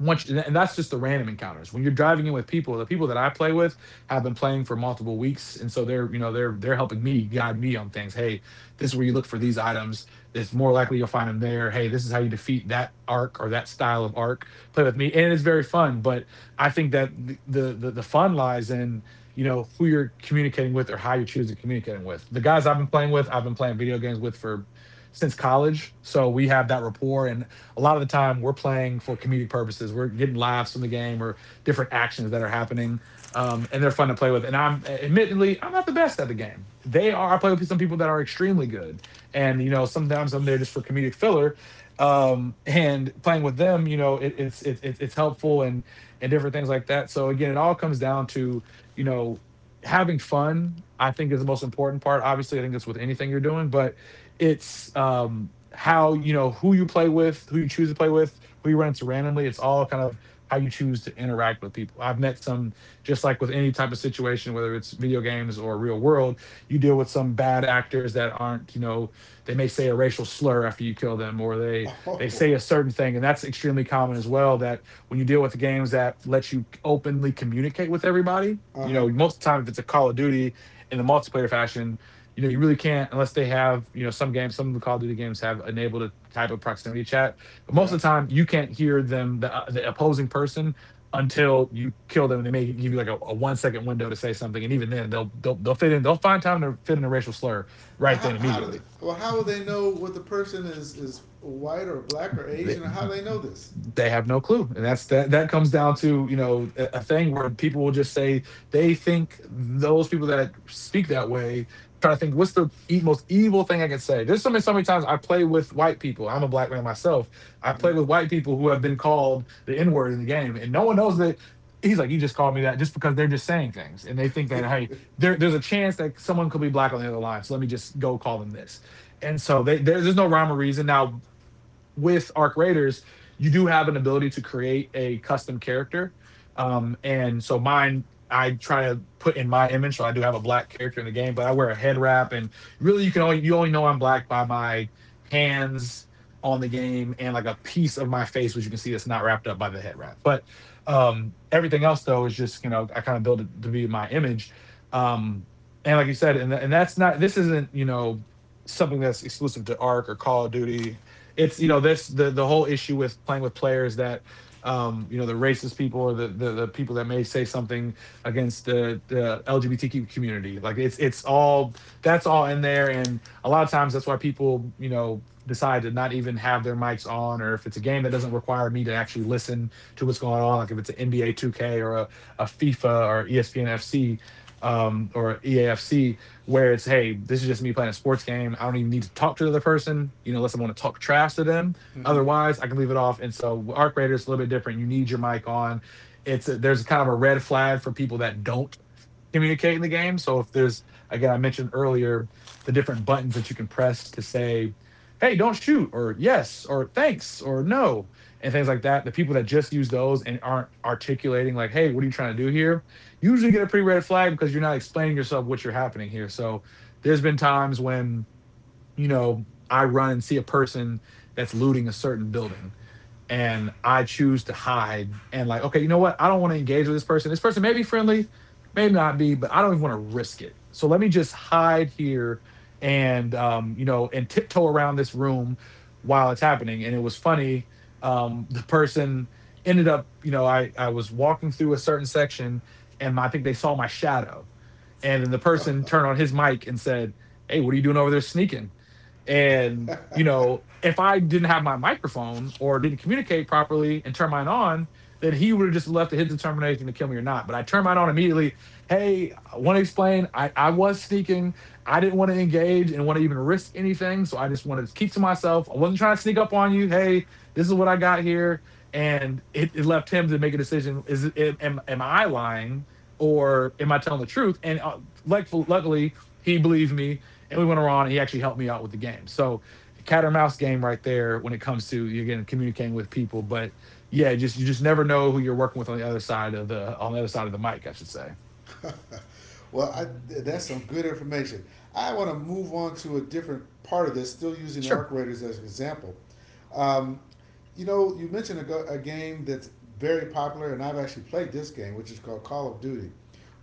Speaker 2: once you, and that's just the random encounters when you're driving in with people, the people that I play with have been playing for multiple weeks, and so they're you know they're helping me, guide me on things. Hey, this is where you look for these items. It's more likely you'll find them there. Hey, this is how you defeat that arc or that style of arc. Play with me and it's very fun. But I think that the fun lies in who you're communicating with or how you choose to communicate with. The guys I've been playing with, I've been playing video games with for, since college, so we have that rapport. And a lot of the time we're playing for comedic purposes. We're getting laughs from the game or different actions that are happening. And they're fun to play with. And I'm admittedly, I'm not the best at the game. They are. I play with some people that are extremely good. And, you know, sometimes I'm there just for comedic filler. And playing with them, you know, it, it's helpful and different things like that. So again, it all comes down to, you know, having fun, I think, is the most important part. Obviously, I think that's with anything you're doing. But it's, how, you know who you play with, who you choose to play with, who you run into randomly. It's all kind of how you choose to interact with people. I've met some, just like with any type of situation, whether it's video games or real world, you deal with some bad actors that aren't, they may say a racial slur after you kill them, or they
Speaker 1: oh.
Speaker 2: say a certain thing, and that's extremely common as well. That, when you deal with the games that let you openly communicate with everybody.
Speaker 1: Uh
Speaker 2: You
Speaker 1: huh.
Speaker 2: know, most of the time, if it's a Call of Duty in the multiplayer fashion, you know, you really can't, unless they have, you know, some games, some of the Call of Duty games have enabled a type of proximity chat. But most
Speaker 1: Yeah.
Speaker 2: of the time, you can't hear them, the opposing person, until you kill them. They may give you like a 1 second window to say something, and even then, they'll fit in. They'll find time to fit in a racial slur
Speaker 1: Now,
Speaker 2: right
Speaker 1: how,
Speaker 2: then
Speaker 1: how do they,
Speaker 2: immediately.
Speaker 1: well how will they know what the person is white or black or
Speaker 2: they,
Speaker 1: Asian? Or how do they know this?
Speaker 2: they have no clue, and that comes down to, a thing where people will just say, they think those people that speak that way, try to think, what's the most evil thing I can say? There's so many, so many times I play with white people. I'm a black man myself. I
Speaker 1: Mm-hmm.
Speaker 2: play with white people who have been called the n-word in the game, and no one knows that. He's like, you just called me that? Just because they're just saying things, and they think that, hey, there's a chance that someone could be black on the other line, so let me just go call them this. And so there's no rhyme or reason. Now, with Arc Raiders, you do have an ability to create a custom character. And so mine, I try to put in my image. So I do have a black character in the game, but I wear a head wrap. And really, you only know I'm black by my hands on the game, and like a piece of my face, which you can see, that's not wrapped up by the head wrap. But everything else though is just, I kind of build it to be my image. Um, and like you said, and that's not this isn't, something that's exclusive to Arc or Call of Duty. It's, you know, this, the whole issue with playing with players that, the racist people or the people that may say something against the lgbtq community. Like, it's all, that's all in there. And a lot of times, that's why people, you know, decide to not even have their mics on, or if it's a game that doesn't require me to actually listen to what's going on. Like if it's an nba 2k or a fifa or espn fc, or eafc, where it's, hey, this is just me playing a sports game. I don't even need to talk to the other person, you know, unless I want to talk trash to them. Otherwise, I can leave it off. And so arc raider is a little bit different. You need your mic on. There's kind of a red flag for people that don't communicate in the game. So if there's, again, I mentioned earlier, the different buttons that you can press to say, "Hey, don't shoot," or "Yes," or "Thanks," or "No," and things like that. The people that just use those and aren't articulating like, "Hey, what are you trying to do here?" You usually get a pretty red flag, because you're not explaining yourself, what you're happening here. So there's been times when, you know I run and see a person that's looting a certain building, and I choose to hide, and like, okay, you know what? I don't want to engage with this person. This person may be friendly, may not be, but I don't even want to risk it. So let me just hide here and, and tiptoe around this room while it's happening. And it was funny. The person ended up, I was walking through a certain section, and I think they saw my shadow. And then the person
Speaker 1: mm-hmm.
Speaker 2: turned on his mic and said, hey, what are you doing over there sneaking? And, you know, if I didn't have my microphone or didn't communicate properly and turn mine on, then he would have just left to his determination to kill me or not. But I turned mine on immediately. Hey, I want to explain. I was sneaking. I didn't want to engage and want to even risk anything. So I just wanted to keep to myself. I wasn't trying to sneak up on you. Hey, this is what I got here. And it left him to make a decision. Am I lying, or am I telling the truth? And like, luckily, he believed me, and we went around. And He actually helped me out with the game. So, the cat or mouse game right there, when it comes to, you're getting, communicating with people. But yeah, just you just never know who you're working with on the other side of the, on the other side of the mic, I should say.
Speaker 1: well, I, that's some good information. I want to move on to a different part of this, still using arc
Speaker 2: Sure.
Speaker 1: raiders as an example. Um, you know, you mentioned a, a game that's very popular, and I've actually played this game, which is called Call of Duty.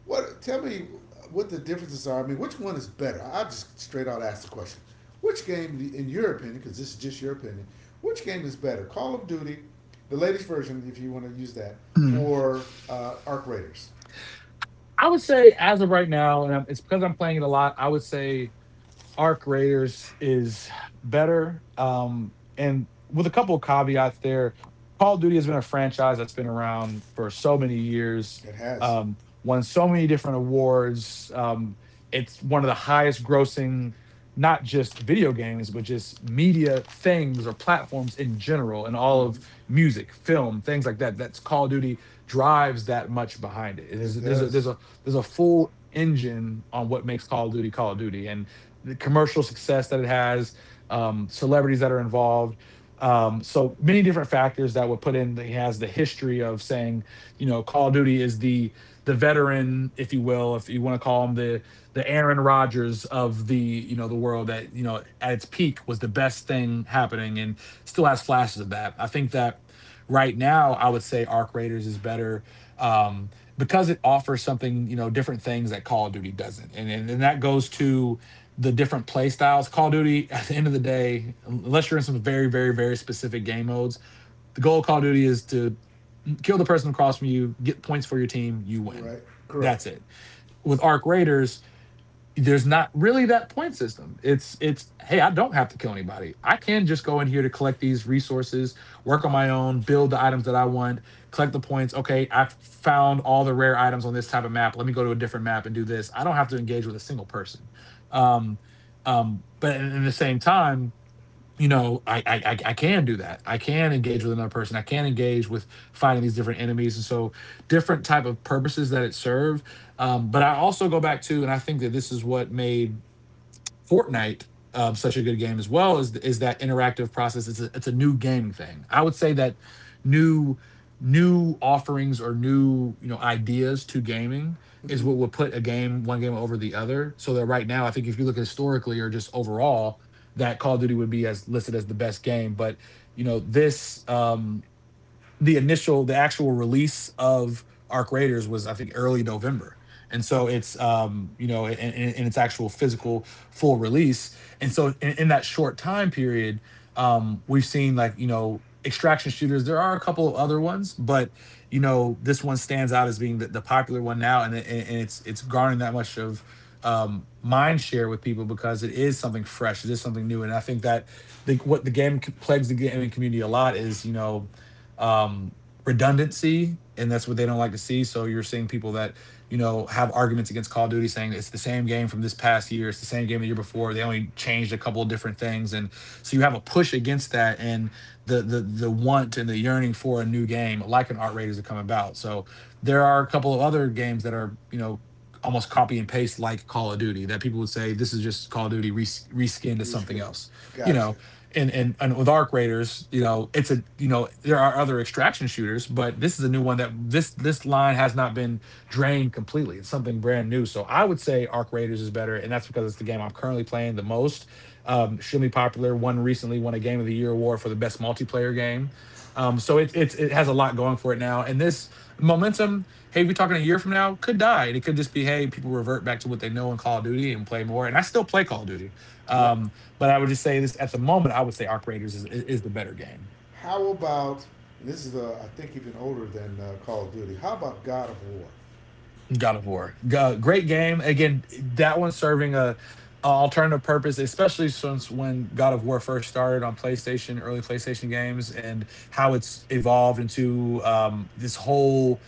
Speaker 1: What? Tell me what the differences are. I mean, which one is better? I'll just straight out ask the question. Which game, in your opinion, because this is just your opinion, which game is better, Call of Duty, the latest version, if you want to use that, or Arc Raiders?
Speaker 2: I would say, as of right now, it's because I'm playing it a lot. I would say Arc Raiders is better. And with a couple of caveats there, Call of Duty has been a franchise that's been around for so many years,
Speaker 1: It has.
Speaker 2: um, won so many different awards. It's one of the highest grossing, not just video games, but just media things or platforms in general, and all of
Speaker 1: Hmm.
Speaker 2: music, film, things like that. That's Call of Duty. Drives that much behind it.
Speaker 1: It
Speaker 2: There's a, there's
Speaker 1: does.
Speaker 2: a, there's a full engine on what makes Call of Duty, and the commercial success that it has, celebrities that are involved. So many different factors that would put in that, he has the history of saying, you know, Call of Duty is the veteran, if you will, if you want to call him the Aaron Rodgers of the, you know, the world that, you know, at its peak was the best thing happening, and still has flashes of that. I think that right now, I would say Arc Raiders is better, um, because it offers something, you know, different things that Call of Duty doesn't. And that goes to the different play styles. Call of Duty, at the end of the day, unless you're in some very, very, very specific game modes, the goal of Call of Duty is to kill the person across from you, get points for your team, you win.
Speaker 1: Right. Correct.
Speaker 2: That's it. With Arc Raiders, there's not really that point system. It's hey, I don't have to kill anybody. I can just go in here to collect these resources, work on my own, build the items that I want, collect the points. Okay, I've found all the rare items on this type of map. Let me go to a different map and do this. I don't have to engage with a single person. Um, but at the same time, I can do that. I can engage with another person. I can engage with fighting these different enemies, and so different type of purposes that it serve. But I also go back to, and I think that this is what made Fortnite, such a good game as well, is that interactive process. It's a new game thing. I would say that new new offerings or new ideas to gaming is
Speaker 1: Hmm.
Speaker 2: what would put a game one game over the other. So that right now, I think if you look historically or just overall, that Call of Duty would be as listed as the best game. But you know this. The initial the actual release of Arc Raiders was, I think, early November. And so it's you know in, in its actual physical full release. And so in, that short time period, we've seen like you know extraction shooters. There are a couple of other ones, but you know this one stands out as being the popular one now, and and it's garnering that much of mind share with people because it is something fresh, it is something new. And I think that what plagues the gaming community a lot is you know um, redundancy, and that's what they don't like to see. So you're seeing people that you know have arguments against Call of Duty, saying it's the same game from this past year, it's the same game the year before. They only changed a couple of different things, and so you have a push against that, and the want and the yearning for a new game, like an Art Raiders, to come about. So there are a couple of other games that are you know almost copy and paste like Call of Duty that people would say this is just Call of Duty reskinned to something
Speaker 1: Reschedule.
Speaker 2: else. You
Speaker 1: Gotcha.
Speaker 2: know, and with Arc Raiders, you know, it's a, you know, there are other extraction shooters, but this is a new one, that this line has not been drained completely. It's something brand new. So I would say Arc Raiders is better, and that's because it's the game I'm currently playing the most. Extremely popular one, recently won a Game of the Year award for the best multiplayer game. So it it has a lot going for it now, and this momentum, hey, if you're talking a year from now, could die, and it could just be, hey, people revert back to what they know in Call of Duty and play more. And I still play Call of Duty.
Speaker 1: Yep.
Speaker 2: Um, but I would just say this at the moment, I would say Arc Raiders is, the better game.
Speaker 1: How about and this is I think even older than Call of Duty. How about God of War?
Speaker 2: God of War, great game. Again, that one serving a alternative purpose, especially since when God of War first started on PlayStation, early PlayStation games, and how it's evolved into this whole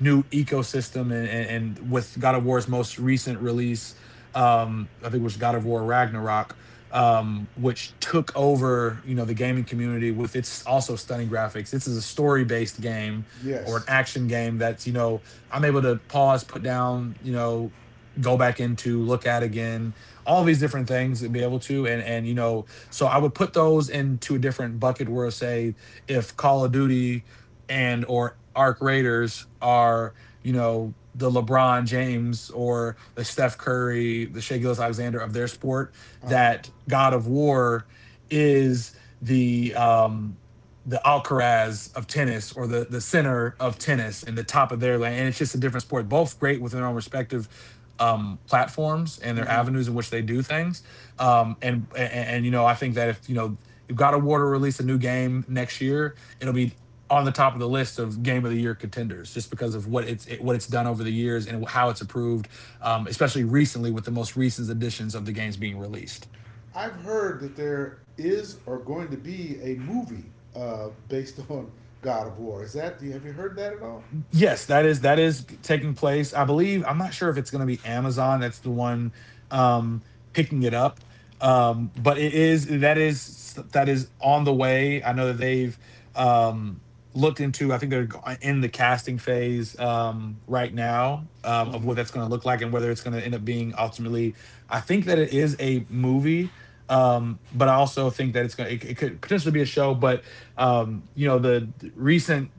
Speaker 2: new ecosystem. And with God of War's most recent release, I think it was God of War Ragnarok, which took over, you know, the gaming community with its also stunning graphics. This is a story-based game or an
Speaker 1: Yes.
Speaker 2: action game that's, you know, I'm able to pause, put down, you know, go back into, look at again, all these different things and be able to. And you know, so I would put those into a different bucket where, say, if Call of Duty and or Arc Raiders are, you know, the LeBron James or the Steph Curry, the Shea Gillis Alexander of their sport,
Speaker 1: Uh huh.
Speaker 2: that God of War is the um the Alcaraz of tennis or the center of tennis and the top of their land. And it's just a different sport, both great within their own respective platforms and their
Speaker 1: Hmm.
Speaker 2: avenues in which they do things. And you know, I think that if you know if God of War to release a new game next year, it'll be on the top of the list of Game of the Year contenders just because of what what it's done over the years and how it's approved. Especially recently with the most recent editions of the games being released.
Speaker 1: I've heard that there is or going to be a movie based on God of War. Is that? Have you heard that at all?
Speaker 2: Yes, that is taking place. I believe, I'm not sure if it's going to be Amazon that's the one um picking it up. But it is, that is on the way. I know that they've um looked into, I think they're in the casting phase right now of
Speaker 1: Hmm.
Speaker 2: what that's going to look like and whether it's going to end up being ultimately, I think that it is a movie, but I also think that it's going to it could potentially be a show. But you know the recent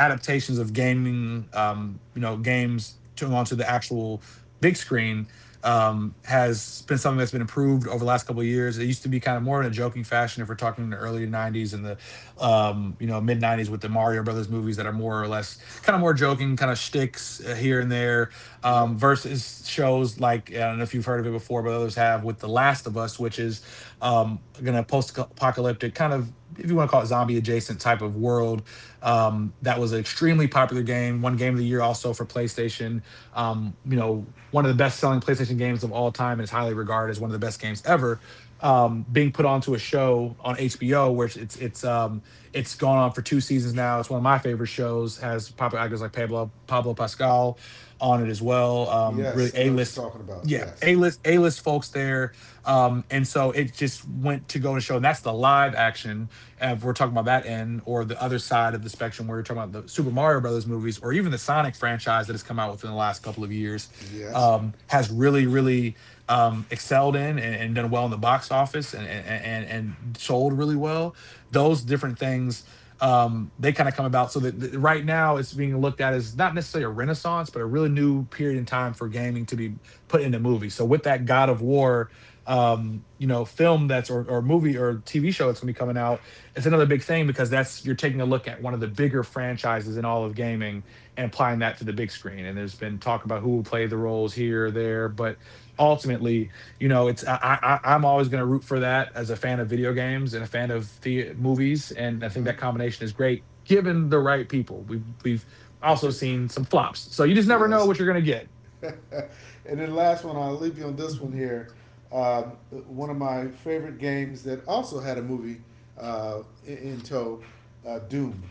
Speaker 2: adaptations of gaming, you know, games to onto the actual big screen, has been something that's been improved over the last couple of years. It used to be kind of more in a joking fashion if we're talking in the early nineties and the you know mid nineties with the Mario Brothers movies that are more or less kind of more joking, kind of shticks, here and there.
Speaker 1: Yep.
Speaker 2: Versus shows like, I don't know if you've heard of it before, but others have, with The Last of Us, which is going to post apocalyptic kind of, if you want to call it, zombie adjacent type of world. That was an extremely popular game, one Game of the Year also for PlayStation. You know, one of the best selling PlayStation games of all time, and is highly regarded as one of the best games ever. Being put onto a show on HBO, where it's gone on for two seasons now. It's one of my favorite shows. Has popular actors like Pablo Pascal on it as well. Really
Speaker 1: Yes, I
Speaker 2: A
Speaker 1: know what you're
Speaker 2: list,
Speaker 1: talking about.
Speaker 2: yeah,
Speaker 1: Yes.
Speaker 2: A list folks there. And so it just went to go to show, and that's the live action. If we're talking about that end or the other side of the spectrum, where you're talking about the Super Mario Brothers movies or even the Sonic franchise that has come out within the last couple of years,
Speaker 1: Yes.
Speaker 2: has really, really excelled in, and done well in the box office, and sold really well. Those different things. They kind of come about so that right now it's being looked at as not necessarily a renaissance, but a really new period in time for gaming to be put into movies. So with that, God of War, you know, film that's, or movie or TV show that's going to be coming out, it's another big thing because that's, you're taking a look at one of the bigger franchises in all of gaming, and applying that to the big screen. And there's been talk about who will play the roles here or there, but ultimately, you know, it's I am always going to root for that as a fan of video games and a fan of the movies. And I think
Speaker 1: Mm-hmm.
Speaker 2: that combination is great given the right people. We've also seen some flops, so you just never know
Speaker 1: yes.
Speaker 2: what you're going to get.
Speaker 1: and then last one, I'll leave you on this one here. Um, one of my favorite games that also had a movie in tow, Doom.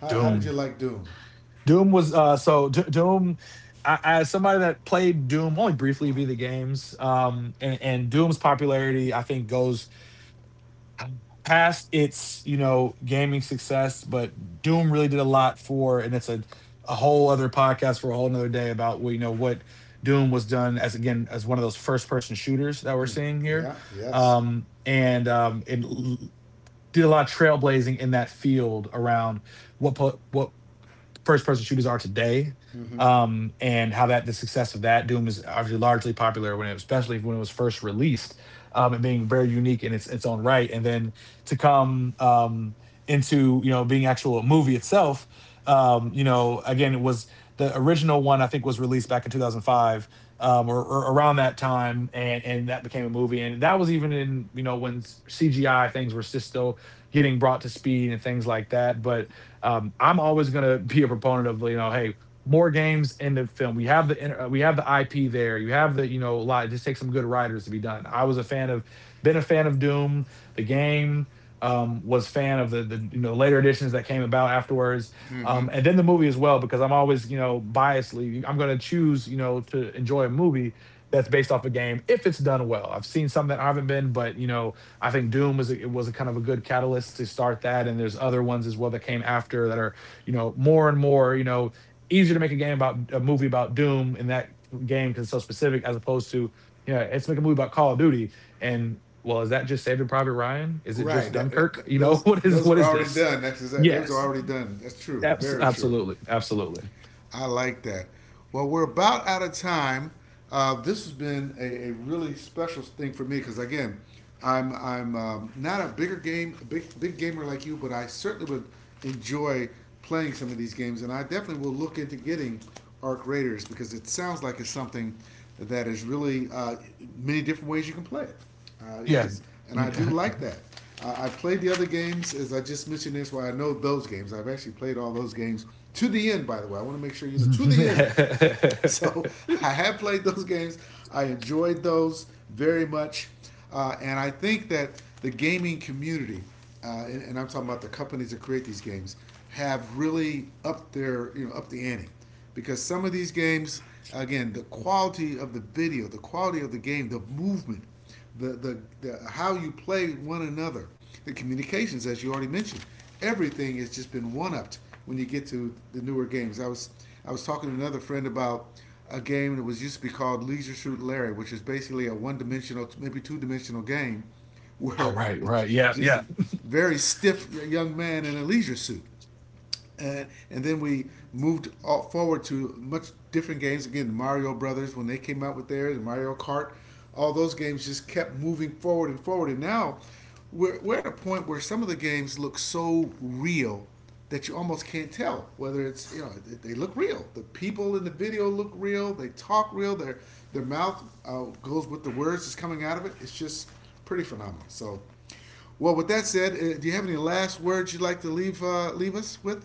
Speaker 1: How did
Speaker 2: Doom.
Speaker 1: you like Doom?
Speaker 2: Doom was Doom, I, as somebody that played Doom only briefly via the games, and Doom's popularity, I think, goes past its you know gaming success. But Doom really did a lot for, and it's a whole other podcast for a whole another day about, well, you know what, Doom was done as, again, as one of those first person shooters that we're
Speaker 1: Mm.
Speaker 2: seeing here.
Speaker 1: Yeah. Yes.
Speaker 2: um and um it l- did a lot of trailblazing in that field around what first person shooters are today.
Speaker 1: Mm-hmm.
Speaker 2: And how that the success of that, Doom is obviously largely popular when it, especially when it was first released, and being very unique in its own right. And then to come into, you know, being actual movie itself. You know, again, it was, the original one I think was released back in 2005, or, around that time, and that became a movie. And that was even in, you know, when CGI things were just still getting brought to speed and things like that. But I'm always going to be a proponent of, you know, hey, more games in the film. We have the we have the IP there. You have the a lot. It just takes some good writers to be done. I was a fan of, been a fan of Doom the game. Was fan of the later editions that came about afterwards,
Speaker 1: Mm-hmm.
Speaker 2: and then the movie as well because I'm always biasly I'm going to choose to enjoy a movie that's based off a game if it's done well. I've seen some that I haven't been, but I think it was a kind of a good catalyst to start that, and there's other ones as well that came after that are more and more, easier to make a game about a movie about Doom in that game because it's so specific as opposed to, let's make a movie about Call of Duty. And well, is that just Saving Private Ryan? Is it just
Speaker 1: Right.
Speaker 2: Dunkirk? What
Speaker 1: Those were
Speaker 2: is
Speaker 1: already
Speaker 2: this?
Speaker 1: done. That's exact. Those were
Speaker 2: Yes,
Speaker 1: already done. That's true. Very true.
Speaker 2: absolutely, absolutely,
Speaker 1: I like that. Well, we're about out of time. This has been a really special thing for me because again, I'm not a big gamer like you, but I certainly would enjoy playing some of these games, and I definitely will look into getting Arc Raiders because it sounds like it's something that is really many different ways you can play it.
Speaker 2: yeah.
Speaker 1: Yes, and I do like that. I played the other games, as I just mentioned. This, why I know those games. I've actually played all those games to the end. By the way, I want to make sure you know to the end. So I have played those games. I enjoyed those very much, and I think that the gaming community, and I'm talking about the companies that create these games, have really upped their you know up the ante, because some of these games, again, the quality of the video, the quality of the game, the movement, the how you play one another, the communications, as you already mentioned. Everything has just been one upped when you get to the newer games. I was talking to another friend about a game that was used to be called Leisure Suit Larry, which is basically a one dimensional, maybe two dimensional game,
Speaker 2: oh
Speaker 1: where
Speaker 2: right,
Speaker 1: it's
Speaker 2: right, yeah,
Speaker 1: just a
Speaker 2: yeah.
Speaker 1: very stiff young man in a leisure suit and then we moved forward to much different games. Again, the Mario Brothers when they came out with theirs, and Mario Kart, all those games just kept moving forward and forward. And now we're at a point where some of the games look so real that you almost can't tell whether it's you know they look real. The people in the video look real. They talk real. Their mouth goes with the words that's coming out of it. It's just pretty phenomenal. So. Well, with that said, do you have any last words you'd like to leave leave us with?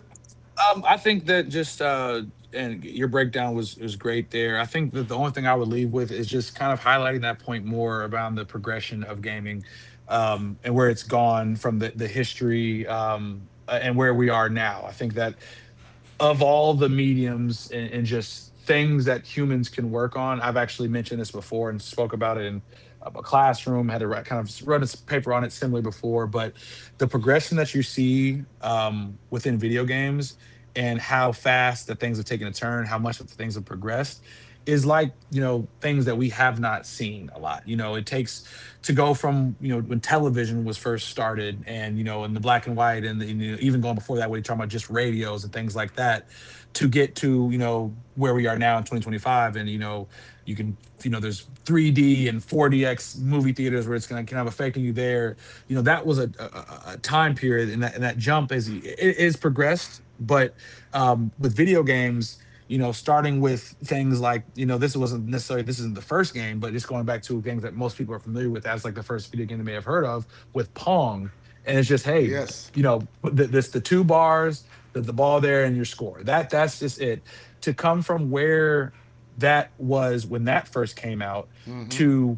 Speaker 2: I think that just and your breakdown was great there. I think that the only thing I would leave with is just kind of highlighting that point more around the progression of gaming, and where it's gone from the history, and where we are now. I think that of all the mediums and just things that humans can work on, I've actually mentioned this before and spoke about it in a classroom. Kind of wrote a paper on it similarly before. But the progression that you see, within video games, and how fast the things have taken a turn, how much of the things have progressed, is like, things that we have not seen a lot. It takes to go from, when television was first started, and, in the black and white, even going before that, we're talking about just radios and things like that, to get to, where we are now in 2025. And you can, there's 3D and 4DX movie theaters where it's gonna kind of affecting you there. That was a time period, and that jump is, it is progressed. But with video games, starting with things like, this wasn't necessarily this isn't the first game, but just going back to things that most people are familiar with, as like the first video game they may have heard of, with Pong. And it's just, hey,
Speaker 1: Yes.
Speaker 2: put the two bars, the ball there, and your score. That's just it. To come from where that was when that first came out,
Speaker 1: Mm-hmm.
Speaker 2: to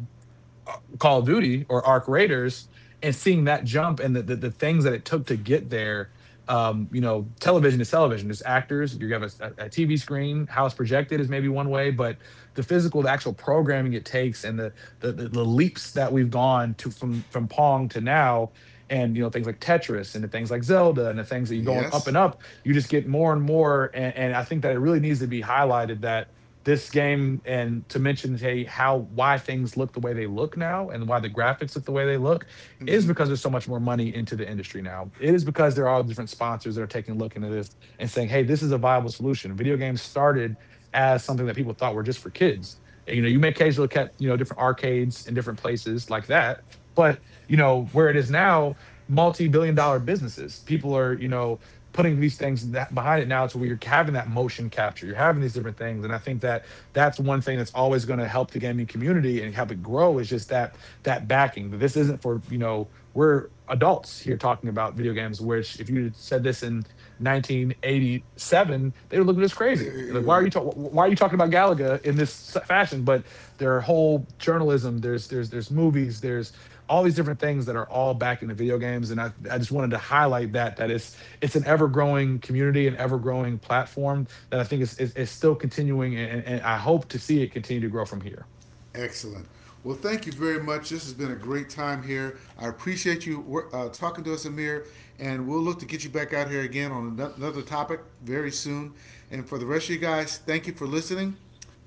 Speaker 2: uh, Call of Duty or Arc Raiders, and seeing that jump, and the things that it took to get there. Television is television. There's actors. You have a TV screen. How it's projected is maybe one way, but the physical, the actual programming it takes, and the leaps that we've gone to, from Pong to now, and things like Tetris, and the things like Zelda, and the things that you're going up and
Speaker 1: Yes.
Speaker 2: up. You just get more and more. And I think that it really needs to be highlighted, that this game, and to mention, hey, how, why things look the way they look now, and why the graphics look the way they look, is because there's so much more money into the industry now. It is because there are different sponsors that are taking a look into this and saying, hey, this is a viable solution. Video games started as something that people thought were just for kids. And, you may occasionally look at, different arcades in different places like that. But where it is now, multi-billion dollar businesses, people are, putting these things that behind it now, to where you're having that motion capture, you're having these different things. And I think that that's one thing that's always going to help the gaming community and help it grow, is just that, that backing. But this isn't for, we're adults here talking about video games, which if you said this in 1987 they would look at us crazy. They're like,
Speaker 1: You're
Speaker 2: why are you talking about galaga in this fashion? But there are whole journalism, there's there's movies, there's all these different things that are all back in the video games. I just wanted to highlight that, that is, it's an ever growing community, an ever growing platform that I think is still continuing. And I hope to see it continue to grow from here.
Speaker 1: excellent. Well, thank you very much. This has been a great time here. I appreciate you talking to us, Amir, and we'll look to get you back out here again on another topic very soon. And for the rest of you guys, thank you for listening.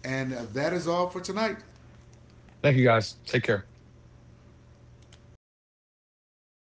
Speaker 1: And that is all for tonight.
Speaker 2: Thank you guys. Take care.